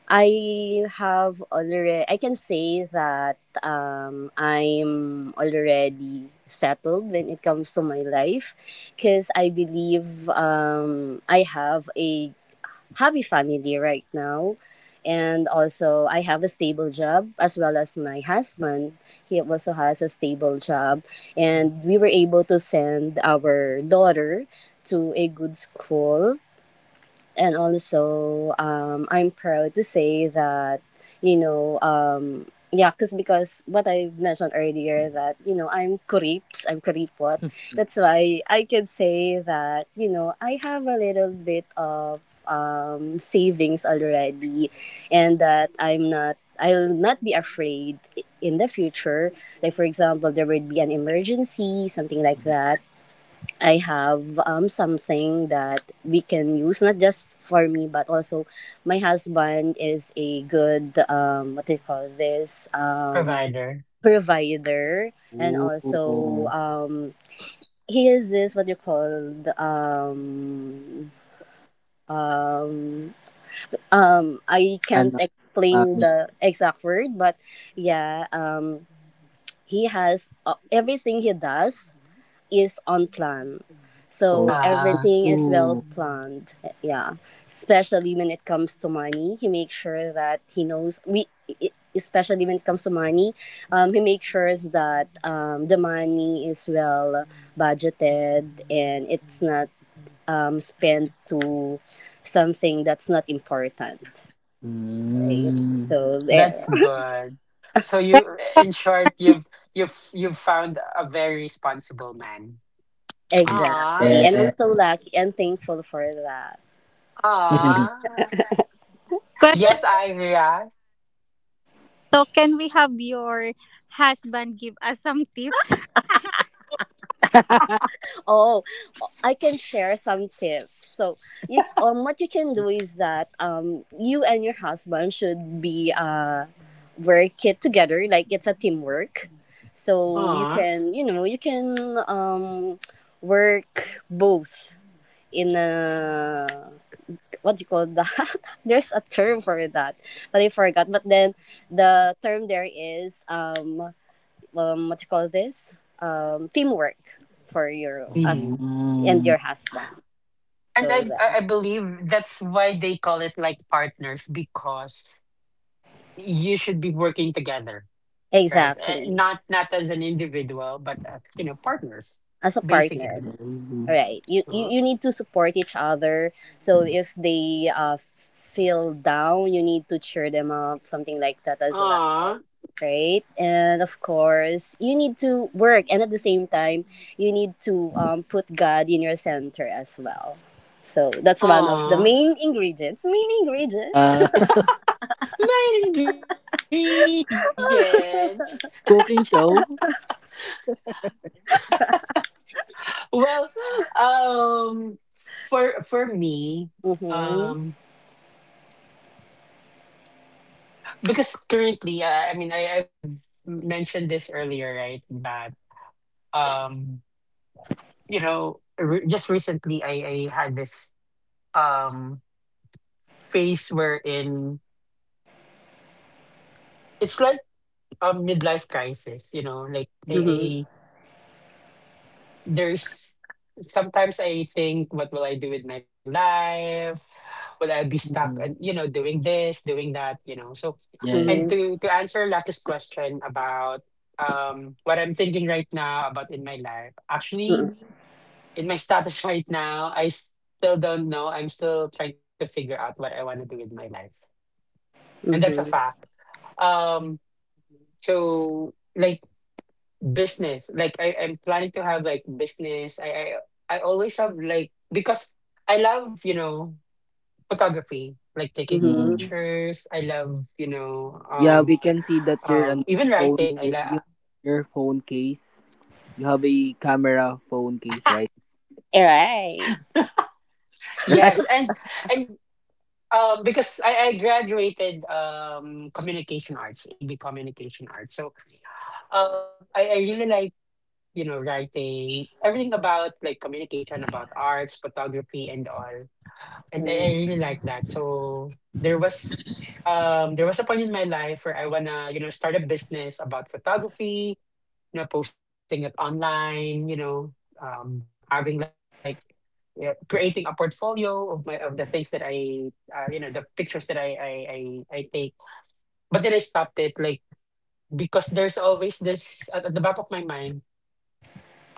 [SPEAKER 3] I have already. I can say that I'm already settled when it comes to my life, because I believe I have a happy family right now. And also, I have a stable job as well as my husband. He also has a stable job. And we were able to send our daughter to a good school and also I'm proud to say that, you know, yeah, cause because what I mentioned earlier that, you know, I'm Kuripot. That's why I can say that, you know, I have a little bit of savings already, and that I'm not. I'll not be afraid in the future. Like for example, there would be an emergency, something like
[SPEAKER 2] Mhm.
[SPEAKER 3] that. I have something that we can use not just for me but also my husband is a good what do you call this
[SPEAKER 1] Provider.
[SPEAKER 3] provider and also
[SPEAKER 2] Oh,
[SPEAKER 3] he is this what you call the, um, I
[SPEAKER 2] and
[SPEAKER 3] can't explain
[SPEAKER 2] family.
[SPEAKER 3] the exact word but yeah, he has, everything he does is on plan. So
[SPEAKER 1] Uh,
[SPEAKER 3] everything is well
[SPEAKER 2] Oh.
[SPEAKER 3] planned. Yeah. Especially when it comes to money, he makes sure that he knows especially when it comes to money, he makes sure that the money is well budgeted and it's not spent to something that's not important. Right.
[SPEAKER 2] Mm.
[SPEAKER 3] So there.
[SPEAKER 1] that's good. So you, in short, you've you've found a very responsible man. Ah,
[SPEAKER 3] Exactly. And I'm so
[SPEAKER 2] Yes.
[SPEAKER 3] lucky and thankful for that.
[SPEAKER 1] ah.
[SPEAKER 4] Question:
[SPEAKER 1] Yes, Iria.
[SPEAKER 4] so can we have your husband give us some tips?
[SPEAKER 3] Oh, I can share some tips. So, you, what you can do is that you and your husband should be, work it together. Like it's a teamwork. So you
[SPEAKER 1] Huh.
[SPEAKER 3] can, you know, you can work both in a what do you call that? There's a term for that, but I forgot. But then the term there is what you call this, teamwork for your us
[SPEAKER 1] Hmm.
[SPEAKER 3] and
[SPEAKER 2] Mm.
[SPEAKER 3] your husband.
[SPEAKER 1] And I,
[SPEAKER 3] So
[SPEAKER 1] I
[SPEAKER 3] yeah,
[SPEAKER 1] I believe that's why they call it like partners, because you should be working together, right? Eh,
[SPEAKER 3] exactly
[SPEAKER 1] not as an individual, but as, you know, partners,
[SPEAKER 3] as a
[SPEAKER 1] basically.
[SPEAKER 3] partners.
[SPEAKER 2] Oh.
[SPEAKER 3] All right, you,
[SPEAKER 1] Huh?
[SPEAKER 3] you need to support each other. So if they, feel down, you need to cheer them up, something like that as well.
[SPEAKER 1] Aw.
[SPEAKER 3] Right, and of course, you need to work, and at the same time, you need to put God in your center as well. So that's one of the
[SPEAKER 1] Aw.
[SPEAKER 3] main ingredients. Main ingredients.
[SPEAKER 2] Uh,
[SPEAKER 1] My ingredients.
[SPEAKER 2] cooking show?
[SPEAKER 1] Well, for me,
[SPEAKER 3] Mhm.
[SPEAKER 1] um, because currently I've mentioned this earlier, right, that um, you know, just recently I had this um, phase wherein it's like a midlife crisis, you know, like i,
[SPEAKER 2] Mm.
[SPEAKER 3] Mhm.
[SPEAKER 1] I there's sometimes I think, what will I do with my life? Will I be stuck and,
[SPEAKER 2] Mhm.
[SPEAKER 1] you know, doing this, doing that, you know. So,
[SPEAKER 2] Yes.
[SPEAKER 1] and
[SPEAKER 3] Mhm.
[SPEAKER 1] to answer Lucky's question about what I'm thinking right now about in my life, actually
[SPEAKER 3] Mhm.
[SPEAKER 1] in my status right now, I still don't know. I'm still trying to figure out what I want to do with my life. And that's a
[SPEAKER 3] Mhm.
[SPEAKER 1] fact. Um so like business, like I'm planning to have like business. I always have like, because I love, you know, photography, like taking
[SPEAKER 2] Mm.
[SPEAKER 3] Mhm.
[SPEAKER 1] pictures. I love, you know,
[SPEAKER 2] Yeah, we can see that your ano,
[SPEAKER 1] even writing, I love.
[SPEAKER 2] yung your phone case. You have a camera phone case, right?
[SPEAKER 3] All right.
[SPEAKER 2] Right?
[SPEAKER 1] Yes, and because I graduated communication arts, AB communication arts. So I really like, you know, writing everything about like communication, about arts, photography, and all. And I
[SPEAKER 3] Mhm.
[SPEAKER 1] really like that. So there was a point in my life where I wanna, you know, start a business about photography, you know, posting it online, you know, having like, yeah, creating a portfolio of my, of the things that you know, the pictures that I take. But then I stopped it, like, because there's always this at the back of my mind.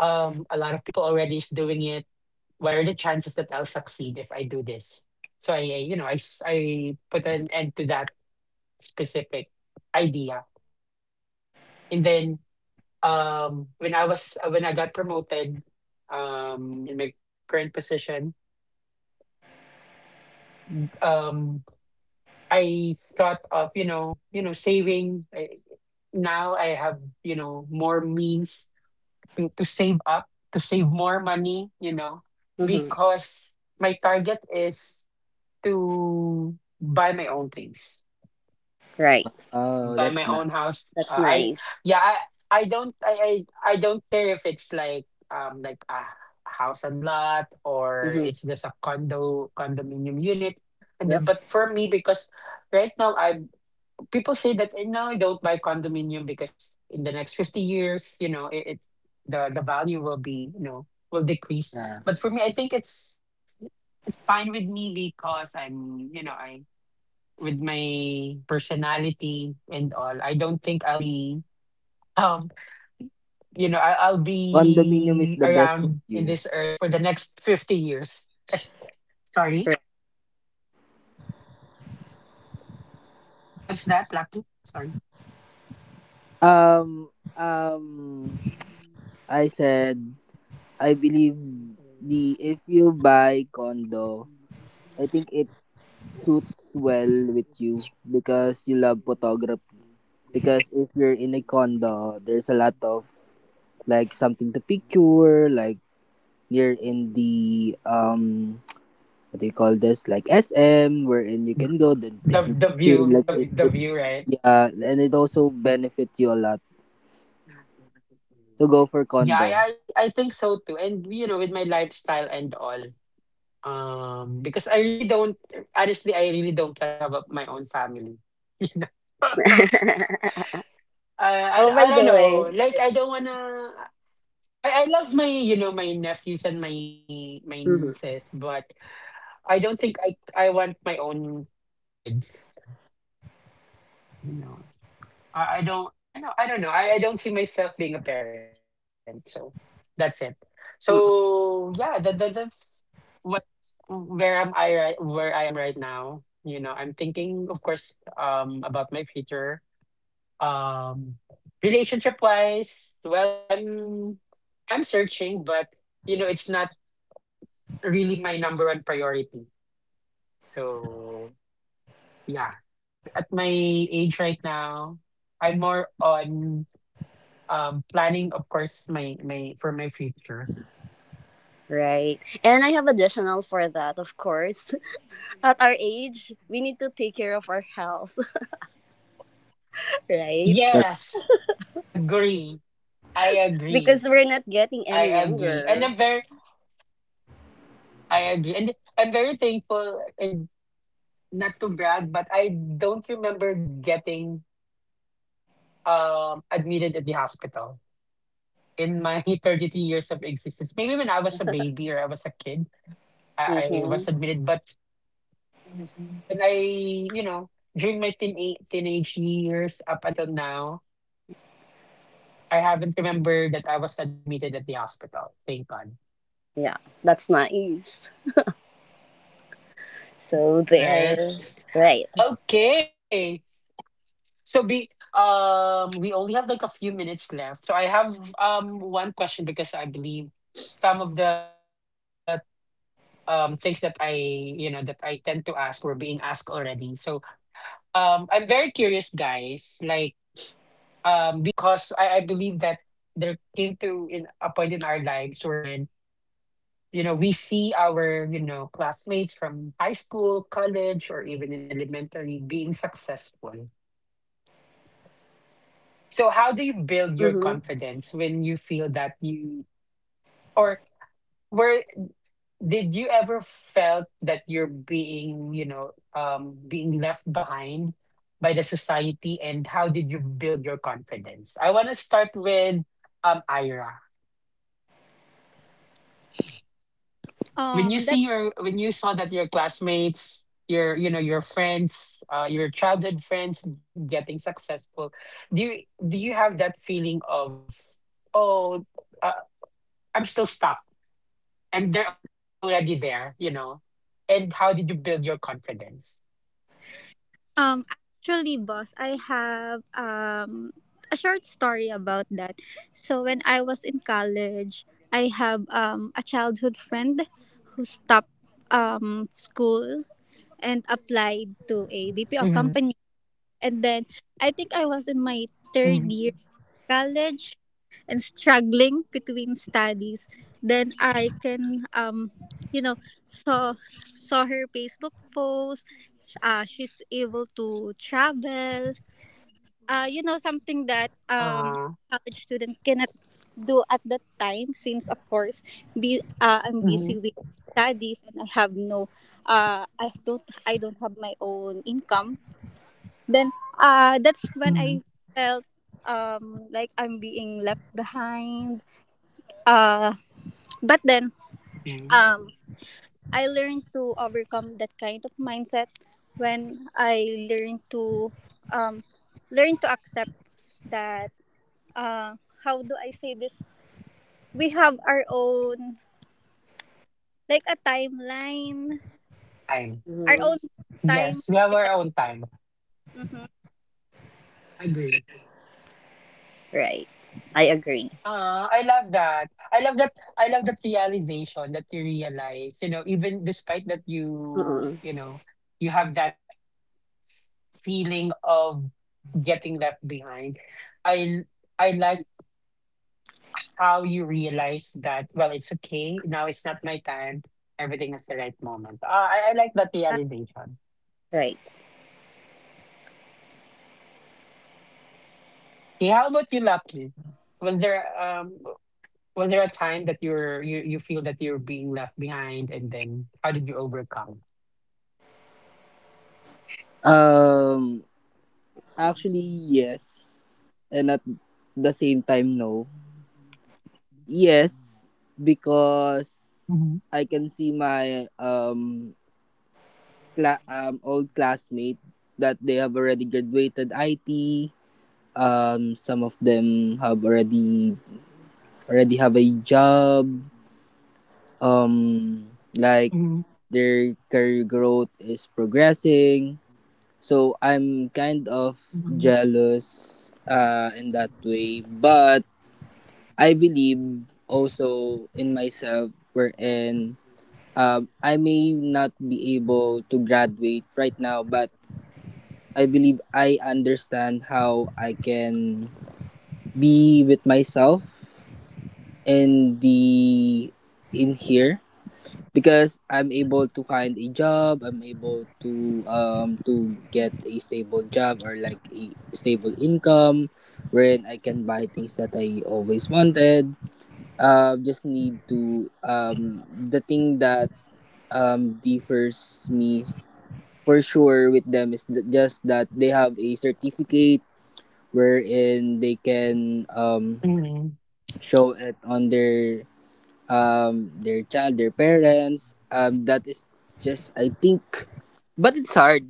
[SPEAKER 1] A lot of people already is doing it. What are the chances that I'll succeed if I do this? So I, you know, I put an end to that specific idea. And then um, when I was when I got promoted um, in my current position, um, I thought of, you know, you know, saving. Now I have, you know, more means to save up, to save more money, you know,
[SPEAKER 3] Mhm.
[SPEAKER 1] because my target is to buy my own things,
[SPEAKER 3] Right.
[SPEAKER 2] Wow,
[SPEAKER 1] by
[SPEAKER 2] that's
[SPEAKER 1] my
[SPEAKER 2] nice.
[SPEAKER 1] own house.
[SPEAKER 3] That's
[SPEAKER 1] I,
[SPEAKER 3] nice.
[SPEAKER 1] yeah, I don't care if it's like um, like a house and lot or
[SPEAKER 3] Mhm.
[SPEAKER 1] it's just a condo condominium unit. And
[SPEAKER 3] Yep.
[SPEAKER 1] but for me, because right now I, people say that, eh, no, I don't buy condominium, because in the next 50 years, you know, it the value will be, you know, will decrease.
[SPEAKER 2] Yeah.
[SPEAKER 1] But for me, I think it's fine with me, because I'm, you know, I, with my personality and all, I don't think I'll be um, you know, I'll
[SPEAKER 2] Condominium is
[SPEAKER 1] be
[SPEAKER 2] the best for
[SPEAKER 1] around in
[SPEAKER 2] you.
[SPEAKER 1] this earth for the next 50 years. Sorry, what's that, Lapu? Sorry.
[SPEAKER 2] Um um I said, I believe, the if you buy condo, I think it suits well with you because you love photography. Because if you're in a condo, there's a lot of, like, something to picture, like near in the, what do you call this, like SM, wherein you can go then
[SPEAKER 1] The
[SPEAKER 2] take your
[SPEAKER 1] the
[SPEAKER 2] picture.
[SPEAKER 1] view
[SPEAKER 2] Like, it,
[SPEAKER 1] the the
[SPEAKER 2] it
[SPEAKER 1] view, right.
[SPEAKER 2] yeah, and it also benefit you a lot to go for
[SPEAKER 1] Yeah, I
[SPEAKER 2] condo.
[SPEAKER 1] I I think so too. And you know, with my lifestyle and all, um, because I really don't, honestly, I really don't plan to have a, my own family. You know? I, I
[SPEAKER 3] Oh,
[SPEAKER 1] I
[SPEAKER 3] by the
[SPEAKER 1] don't know.
[SPEAKER 3] way.
[SPEAKER 1] Like I don't wanna. I love my, you know, my nephews and my
[SPEAKER 3] Mhm.
[SPEAKER 1] nieces, but I don't think I want my own kids. You know. I don't know. I don't see myself being a parent, so that's it. So
[SPEAKER 3] Mhm.
[SPEAKER 1] yeah, that, that that's what where am I right where I am right now. You know, I'm thinking, of course, um, about my future. Um, relationship wise, well, I'm searching, but you know, it's not really my number one priority. So yeah. Well, at my age right now, I'm more on um, planning, of course, my for my future.
[SPEAKER 3] Right. And I have additional for that, of course. At our age, we need to take care of our health, right?
[SPEAKER 2] Correct.
[SPEAKER 1] Yes, agree I agree
[SPEAKER 3] Because we're not getting
[SPEAKER 1] I
[SPEAKER 3] any
[SPEAKER 1] agree. And
[SPEAKER 3] younger.
[SPEAKER 1] I'm very thankful, and not to brag, but I don't remember getting um, admitted at the hospital in my 33 years of existence. Maybe when I was a baby or I was a kid, I
[SPEAKER 3] Mhm.
[SPEAKER 1] was admitted, but when I, you know, during my teenage years up until now, I haven't remembered that I was admitted at the hospital. Thank God.
[SPEAKER 3] Yeah. That's nice. So
[SPEAKER 1] Right?
[SPEAKER 3] there. Right.
[SPEAKER 1] Okay. So, be um, we only have like a few minutes left. So I have um, one question, because I believe some of the um, things that I you know, that I tend to ask were being asked already. So um, I'm very curious, guys, like um, because I believe that there came to, in a point in our lives, we're in, you know, we see our, you know, classmates from high school, college, or even in elementary being successful. So how do you build your
[SPEAKER 3] Mhm.
[SPEAKER 1] confidence when you feel that you, or where did you ever felt that you're being, you know, um, being left behind by the society, and how did you build your confidence? I want to start with um, Ira. When you see
[SPEAKER 4] That
[SPEAKER 1] your, when you saw that your classmates, your, you know, your friends, your childhood friends getting successful, do you do you have that feeling of, oh, uh, I'm still stuck and they're already there, you know? And how did you build your confidence?
[SPEAKER 4] actually, boss, I have a short story about that. So when I was in college, I have a childhood friend who stopped school and applied to a BPO
[SPEAKER 1] Mm-hmm.
[SPEAKER 4] company, and then I think I was in my
[SPEAKER 1] Mm-hmm.
[SPEAKER 4] third year college and struggling between studies. Then I can, you know, saw saw her Facebook post. She's able to travel. You know, something that
[SPEAKER 1] Uh,
[SPEAKER 4] college student cannot do at that time, since of course be I'm
[SPEAKER 1] mm-hmm.
[SPEAKER 4] busy with studies and I have no I don't have my own income then. That's when I
[SPEAKER 1] Mm-hmm.
[SPEAKER 4] felt like I'm being left behind. Uh, but then
[SPEAKER 1] Okay.
[SPEAKER 4] um, I learned to overcome that kind of mindset when I learned to um, learn to accept that uh, how do I say this? We have our own, like, a timeline,
[SPEAKER 1] Time.
[SPEAKER 4] our own time.
[SPEAKER 1] Yes, we have our own time.
[SPEAKER 4] Mhm.
[SPEAKER 1] Agree.
[SPEAKER 3] Right. I agree.
[SPEAKER 1] Ah, I love that. I love that, I love that realization, that you realize, you know, even despite that you,
[SPEAKER 3] Mm-mm.
[SPEAKER 1] you know, you have that f feeling of getting left behind. I I like how you realize that, well, it's okay. Now it's not my time. Everything is the right moment. Ah, I like that realization.
[SPEAKER 3] Right.
[SPEAKER 1] Okay, how about you, Lucky? Was there um, was there a time that you're, you feel that you're being left behind, and then how did you overcome?
[SPEAKER 2] um Actually,
[SPEAKER 1] Mhm.
[SPEAKER 2] yes, and at the same time no.
[SPEAKER 1] Mhm.
[SPEAKER 2] Yes, because I can see my old classmate, that they have already graduated IT, some of them have already have a job, um
[SPEAKER 1] Mhm.
[SPEAKER 2] like their career growth is progressing, so I'm kind of jealous, in that way. But I believe also in myself, wherein, I may not be able to graduate right now, but I believe I understand how I can be with myself, in the in here, because I'm able to find a job. I'm able to, to get a stable job, or like a stable income, wherein I can buy things that I always wanted. Just need to, the thing that differs me for sure with them is, just that they have a certificate wherein they can
[SPEAKER 1] Mhm.
[SPEAKER 2] show it on their, their child, their parents, that is just, I think. But it's hard,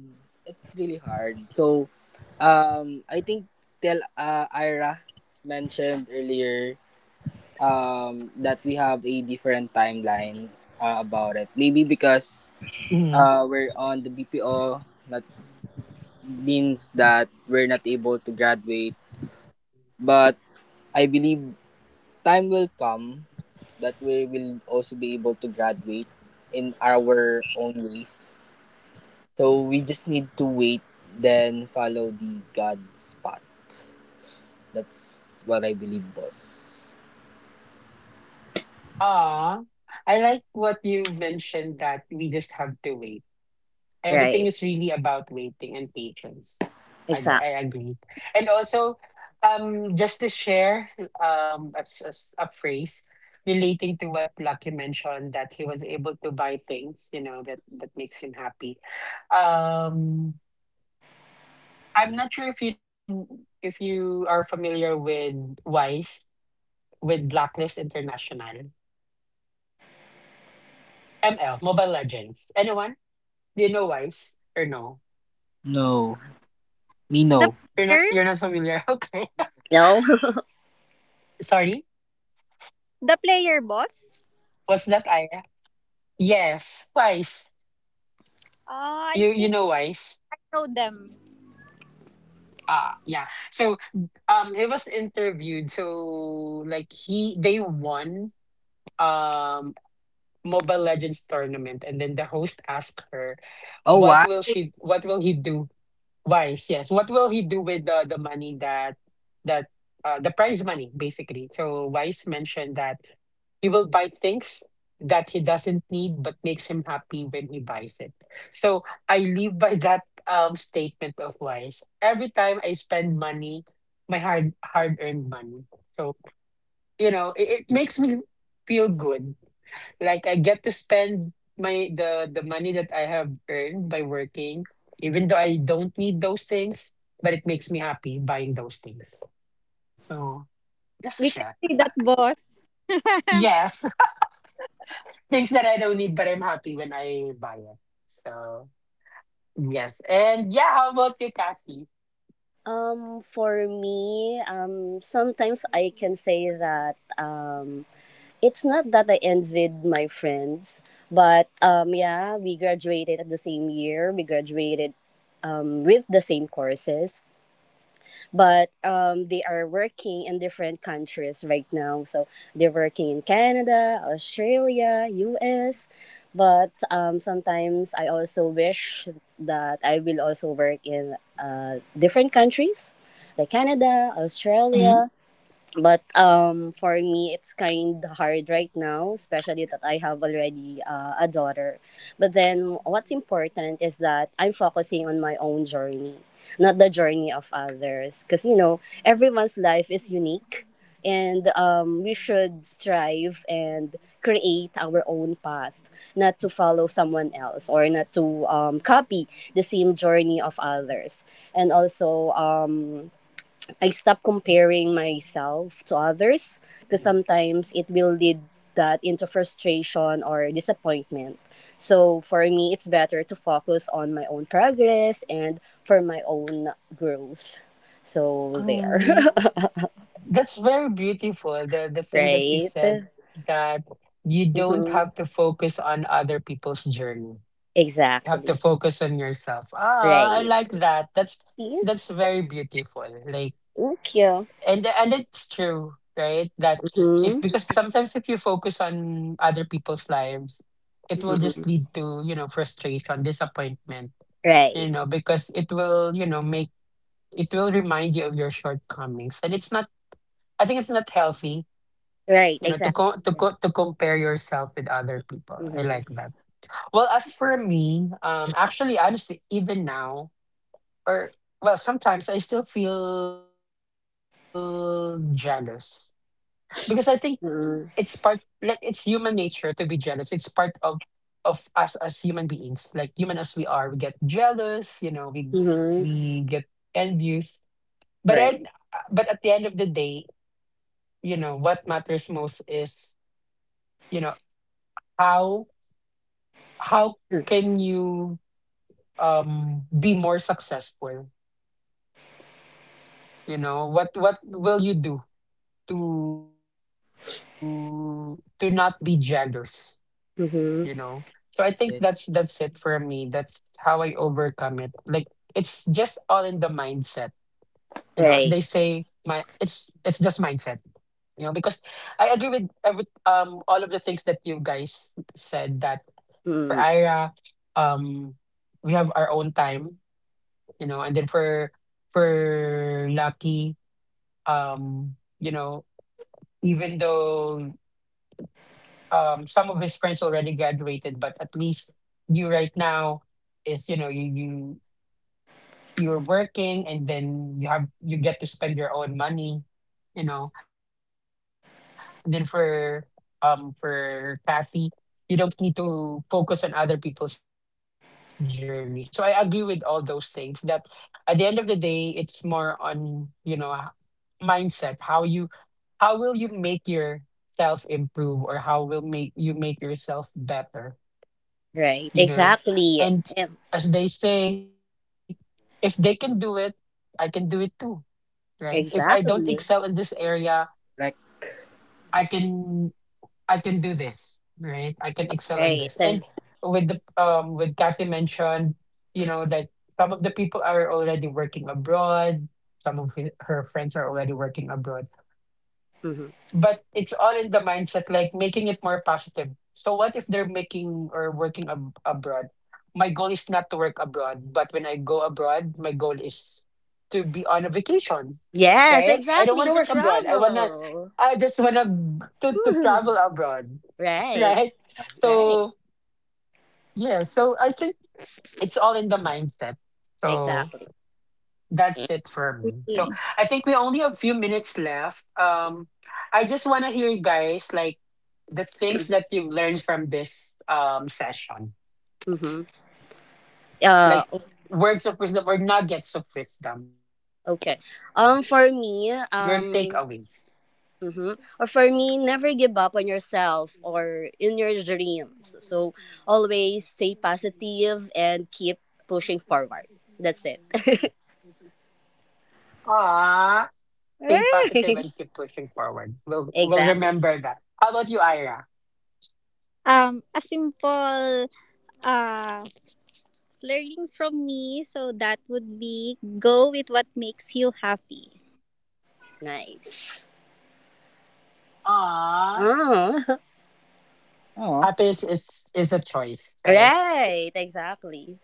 [SPEAKER 2] it's really hard. So, I think, tell Ira mentioned earlier, that we have a different timeline, about it, maybe because,
[SPEAKER 1] Mhm.
[SPEAKER 2] we're on the BPO, that means that we're not able to graduate, but I believe time will come that we will also be able to graduate in our own ways. So we just need to wait, then follow the God's path. That's what I believe, boss.
[SPEAKER 1] Ah, I like what you mentioned, that we just have to wait. Everything
[SPEAKER 3] Right.
[SPEAKER 1] is really about waiting and patience. I
[SPEAKER 3] Exact.
[SPEAKER 1] I agree. And also, just to share um, as a phrase relating to what Lucky mentioned, that he was able to buy things, you know, that that makes him happy. Um, I'm not sure if you are familiar with Wise, with Blacklist International, ML Mobile Legends. Anyone? Do you know Wise or no?
[SPEAKER 2] No, me
[SPEAKER 4] The
[SPEAKER 2] no.
[SPEAKER 1] You're not.
[SPEAKER 4] player,
[SPEAKER 1] You're not familiar. Okay.
[SPEAKER 3] No.
[SPEAKER 1] Sorry.
[SPEAKER 4] the player, boss.
[SPEAKER 1] Was that I? Yeah? Yes, twice. You
[SPEAKER 4] I
[SPEAKER 1] you know
[SPEAKER 4] think
[SPEAKER 1] Wise.
[SPEAKER 4] I know them.
[SPEAKER 1] Ah, yeah. So um, he was interviewed. So like he, they won um, Mobile Legends tournament, and then the host asked her,
[SPEAKER 2] Oh,
[SPEAKER 1] what
[SPEAKER 2] why?
[SPEAKER 1] will she, what will he do? Wise, yes. What will he do with the money, that that uh, the prize money, basically. So Wise mentioned that he will buy things that he doesn't need, but makes him happy when he buys it. So I live by that um, statement of Wise. Every time I spend money, my hard earned money. So, you know, it makes me feel good. Like I get to spend my, the money that I have earned by working, even though I don't need those things, but it makes me happy buying those things. So that's a
[SPEAKER 4] We can
[SPEAKER 1] share.
[SPEAKER 4] see that, boss.
[SPEAKER 1] Yes. Things that I don't need, but I'm happy when I buy it. So yes, and yeah. How about you, Kathy?
[SPEAKER 3] For me, sometimes I can say that it's not that I envied my friends, but yeah, we graduated at the same year. We graduated with the same courses, but they are working in different countries right now. So they're working in Canada, Australia, US. But sometimes I also wish that I will also work in, different countries like Canada,
[SPEAKER 1] Hmm.
[SPEAKER 3] Australia, but for me it's kind hard right now especially that I have already, a daughter but then what's important is that I'm focusing on my own journey not the journey of others because you know everyone's life is unique and we should strive and create our own path not to follow someone else or not to copy the same journey of others and also I stop comparing myself to others because sometimes it will lead that into frustration or disappointment. So for me, it's better to focus on my own progress and for my own growth. So there,
[SPEAKER 1] Um, that's very beautiful. The thing that you
[SPEAKER 3] right?
[SPEAKER 1] said, that you don't
[SPEAKER 3] Mm-hmm.
[SPEAKER 1] have to focus on other people's journey. You have to
[SPEAKER 3] Exactly.
[SPEAKER 1] focus on yourself. Ah, I like
[SPEAKER 3] Right.
[SPEAKER 1] that.
[SPEAKER 3] See?
[SPEAKER 1] That's very beautiful. Like,
[SPEAKER 3] Thank you.
[SPEAKER 1] and it's true, right, that if, because
[SPEAKER 3] Mm-hmm.
[SPEAKER 1] sometimes if you focus on other people's lives, it will just
[SPEAKER 3] Mm-mm.
[SPEAKER 1] lead to, you know, frustration, disappointment, you
[SPEAKER 3] Right.
[SPEAKER 1] know, because it will, you know, make, it will remind you of your shortcomings, and it's not, I think it's not healthy,
[SPEAKER 3] Right.
[SPEAKER 1] you know,
[SPEAKER 3] Exactly.
[SPEAKER 1] to compare yourself with other people. I
[SPEAKER 3] Mm-hmm.
[SPEAKER 1] like that. Well, as for me um, actually honestly, even now or well, sometimes I still feel jealous, because I think it's part, like it's
[SPEAKER 3] Mm-hmm.
[SPEAKER 1] human nature to be jealous. It's part of us as human beings. Like human as we are, we get jealous, you know,
[SPEAKER 3] Mm-hmm.
[SPEAKER 1] we get envious. But
[SPEAKER 3] Right.
[SPEAKER 1] then but at the end of the day, what matters most is, you know, how how can you be more successful? What will you do to not be jealous? you know so I think that's
[SPEAKER 3] Mm-hmm.
[SPEAKER 1] that's it for me. That's
[SPEAKER 2] Yes,
[SPEAKER 1] how I overcome it. Like it's just all in the mindset, you know, as they say. My,
[SPEAKER 3] Right.
[SPEAKER 1] it's just mindset, because I agree with every all of the things that you guys said. That for
[SPEAKER 3] Mm-hmm.
[SPEAKER 1] Ira, um we have our own time, and then for Lucky, um you know even though some of his friends already graduated, but at least you right now is, you're working, and then you get to spend your own money, you know. And then for Kathy, you don't need to focus on other people's journey. So I agree with all those things. That at the end of the day, it's more on mindset. How will you make yourself improve, or how will make you make yourself better,
[SPEAKER 3] Right.
[SPEAKER 1] you know
[SPEAKER 3] Exactly. Em-
[SPEAKER 1] and as they say, if they can do it, I can do it too, right? If I don't excel in
[SPEAKER 3] Exactly.
[SPEAKER 1] this area,
[SPEAKER 2] correct.
[SPEAKER 1] i can I can do this, right? I can excel in this.
[SPEAKER 3] Right.
[SPEAKER 1] And with the with Kathy mentioned, that some of the people are already working abroad, some of her friends are already working abroad,
[SPEAKER 3] Mhm.
[SPEAKER 1] but it's all in the mindset, like making it more positive. So what if they're making or working abroad? My goal is not to work abroad, but when I go abroad, my goal is to be on a vacation, right?
[SPEAKER 3] Yes,
[SPEAKER 1] I don't want to work
[SPEAKER 3] exactly. To
[SPEAKER 1] abroad. i want to i
[SPEAKER 3] travel.
[SPEAKER 1] just want to travel
[SPEAKER 3] Mhm.
[SPEAKER 1] abroad.
[SPEAKER 3] Right.
[SPEAKER 1] Right.
[SPEAKER 3] Right.
[SPEAKER 1] So, yeah, so I think it's all in the mindset. So
[SPEAKER 3] Exactly.
[SPEAKER 1] that's it for me. So
[SPEAKER 4] Okay.
[SPEAKER 1] I think we only have a few minutes left. I just want to hear you guys, like, the things that you've learned from this session,
[SPEAKER 3] Mm-hmm. Uh,
[SPEAKER 1] like
[SPEAKER 3] o-
[SPEAKER 1] words of wisdom or nuggets of wisdom,
[SPEAKER 3] okay.
[SPEAKER 1] your
[SPEAKER 3] For
[SPEAKER 1] takeaways.
[SPEAKER 3] me, mm-hmm. Never give up on yourself or in your dreams. So always stay positive and keep pushing forward. That's it.
[SPEAKER 1] Ah, stay positive
[SPEAKER 3] Right.
[SPEAKER 1] and keep pushing forward. We'll
[SPEAKER 3] Exactly.
[SPEAKER 1] remember that. How about you, Ira?
[SPEAKER 4] A simple uh learning from me. So that would be go with what makes you happy.
[SPEAKER 3] Nice.
[SPEAKER 1] Ah.
[SPEAKER 3] Oh.
[SPEAKER 1] Happiness
[SPEAKER 2] Oh.
[SPEAKER 1] is a choice, right?
[SPEAKER 3] Right, exactly.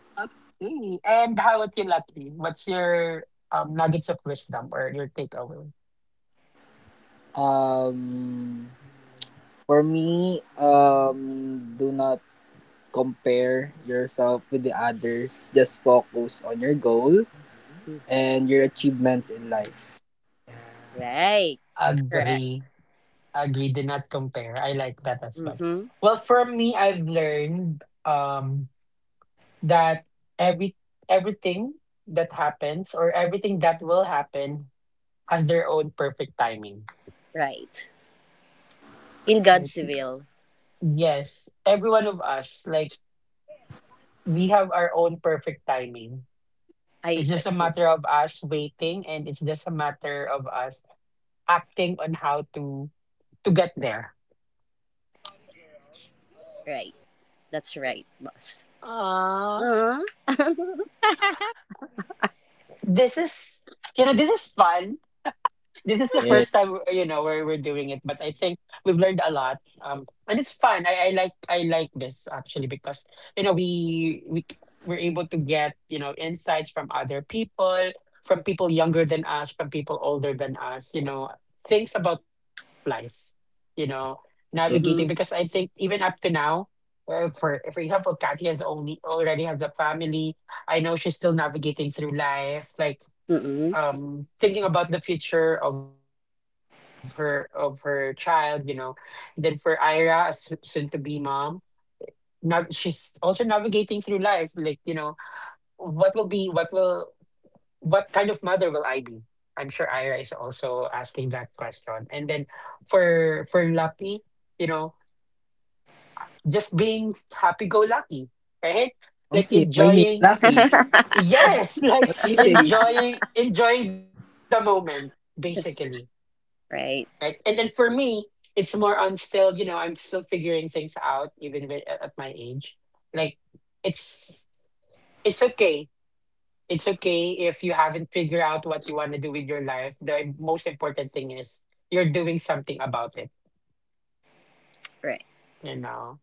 [SPEAKER 1] Okay. And how about you, Latri? What's your nuggets of wisdom or your takeaway?
[SPEAKER 2] Um, for me, do not compare yourself with the others. Just focus on your goal
[SPEAKER 3] Mm,
[SPEAKER 2] and your achievements in life.
[SPEAKER 3] right, that's correct.
[SPEAKER 1] Agree. Agree. Do not compare. I like that as well.
[SPEAKER 3] Mm-hmm.
[SPEAKER 1] Well, for me, I've learned that every everything that happens or everything that will happen has their own perfect timing.
[SPEAKER 3] Right. In
[SPEAKER 1] Right?
[SPEAKER 3] God's will.
[SPEAKER 1] Yes, every one of us, like, we have our own perfect timing. It's
[SPEAKER 3] I
[SPEAKER 1] just a matter of us waiting, and it's just a matter of us acting on how to get there.
[SPEAKER 3] right. That's right, boss. Uh,
[SPEAKER 1] This is this is fun. This is the first time, where we're doing
[SPEAKER 2] Yes,
[SPEAKER 1] it, but I think we've learned a lot. Um, and it's fun. I like this, actually, because you know we we c- we're able to get, insights from other people, from people younger than us, from people older than us. You know, things about life. You know, navigating, because
[SPEAKER 2] yes.
[SPEAKER 1] I
[SPEAKER 3] mm-hmm.
[SPEAKER 1] think even up to now. For example, Kathy has only already has a family. I know she's still navigating through life. Like,
[SPEAKER 3] Mm-hmm.
[SPEAKER 1] thinking about the future of her child. You know then for Ira, a soon to be mom, now she's also navigating through life, like, what will be what will what kind of mother will I be? I'm sure Ira is also asking that question. And then for Lucky, you know just being happy go lucky right? Like,
[SPEAKER 2] Onsi, my name,
[SPEAKER 1] enjoying,
[SPEAKER 2] Lucky.
[SPEAKER 1] yes, like
[SPEAKER 2] What do you say?
[SPEAKER 1] enjoying the moment, basically, right? And
[SPEAKER 3] Right,
[SPEAKER 1] then for me, it's more on still, you know, I'm still figuring things out, even at my age. Like, it's it's okay. It's okay if you haven't figured out what you want to do with your life. The most important thing is you're doing something about it,
[SPEAKER 3] right.
[SPEAKER 1] you know.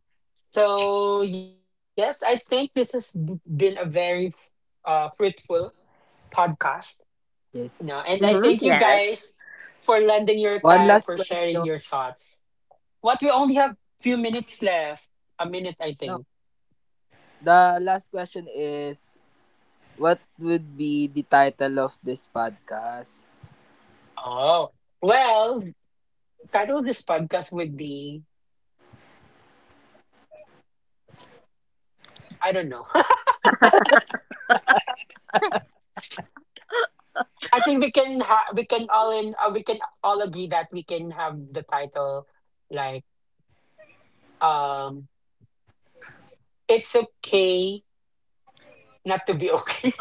[SPEAKER 1] So, yes, I think this has been a very fruitful podcast. And
[SPEAKER 2] Yes.
[SPEAKER 1] I thank
[SPEAKER 3] Mm-hmm.
[SPEAKER 1] you guys
[SPEAKER 3] Yes.
[SPEAKER 1] for lending your
[SPEAKER 2] One
[SPEAKER 1] time,
[SPEAKER 2] last
[SPEAKER 1] for sharing
[SPEAKER 2] question.
[SPEAKER 1] your thoughts. What, we only have few minutes left. A minute, I
[SPEAKER 2] No,
[SPEAKER 1] think.
[SPEAKER 2] the last question is, what would be the title of this podcast?
[SPEAKER 1] Oh. Well, title of this podcast would be, I don't know. I think we can ha- we can all in we can all agree that we can have the title like, um it's okay not to be okay.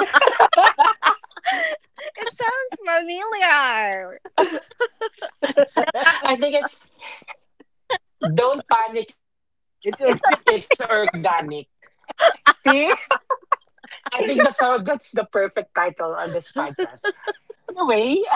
[SPEAKER 3] It sounds familiar.
[SPEAKER 1] I think it's don't panic, it's organic.
[SPEAKER 4] It's
[SPEAKER 2] It's
[SPEAKER 1] See? I think that's the perfect title on this podcast. Anyway,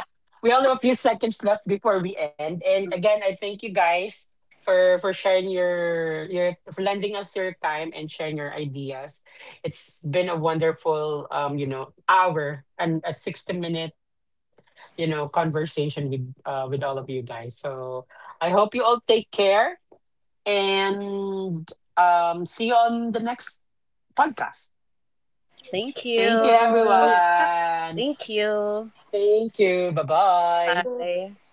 [SPEAKER 1] we only have a few seconds left before we end. And again, I thank you guys for sharing your for lending us your time and sharing your ideas. It's been a wonderful hour and a 60-minute minute conversation with all of you guys. So I hope you all take care and see you on the next podcast.
[SPEAKER 3] Thank
[SPEAKER 1] Thank you,
[SPEAKER 3] you.
[SPEAKER 4] okay.
[SPEAKER 3] Thank
[SPEAKER 1] everyone.
[SPEAKER 3] you.
[SPEAKER 1] Thank you.
[SPEAKER 3] Bye.
[SPEAKER 1] Bye-bye.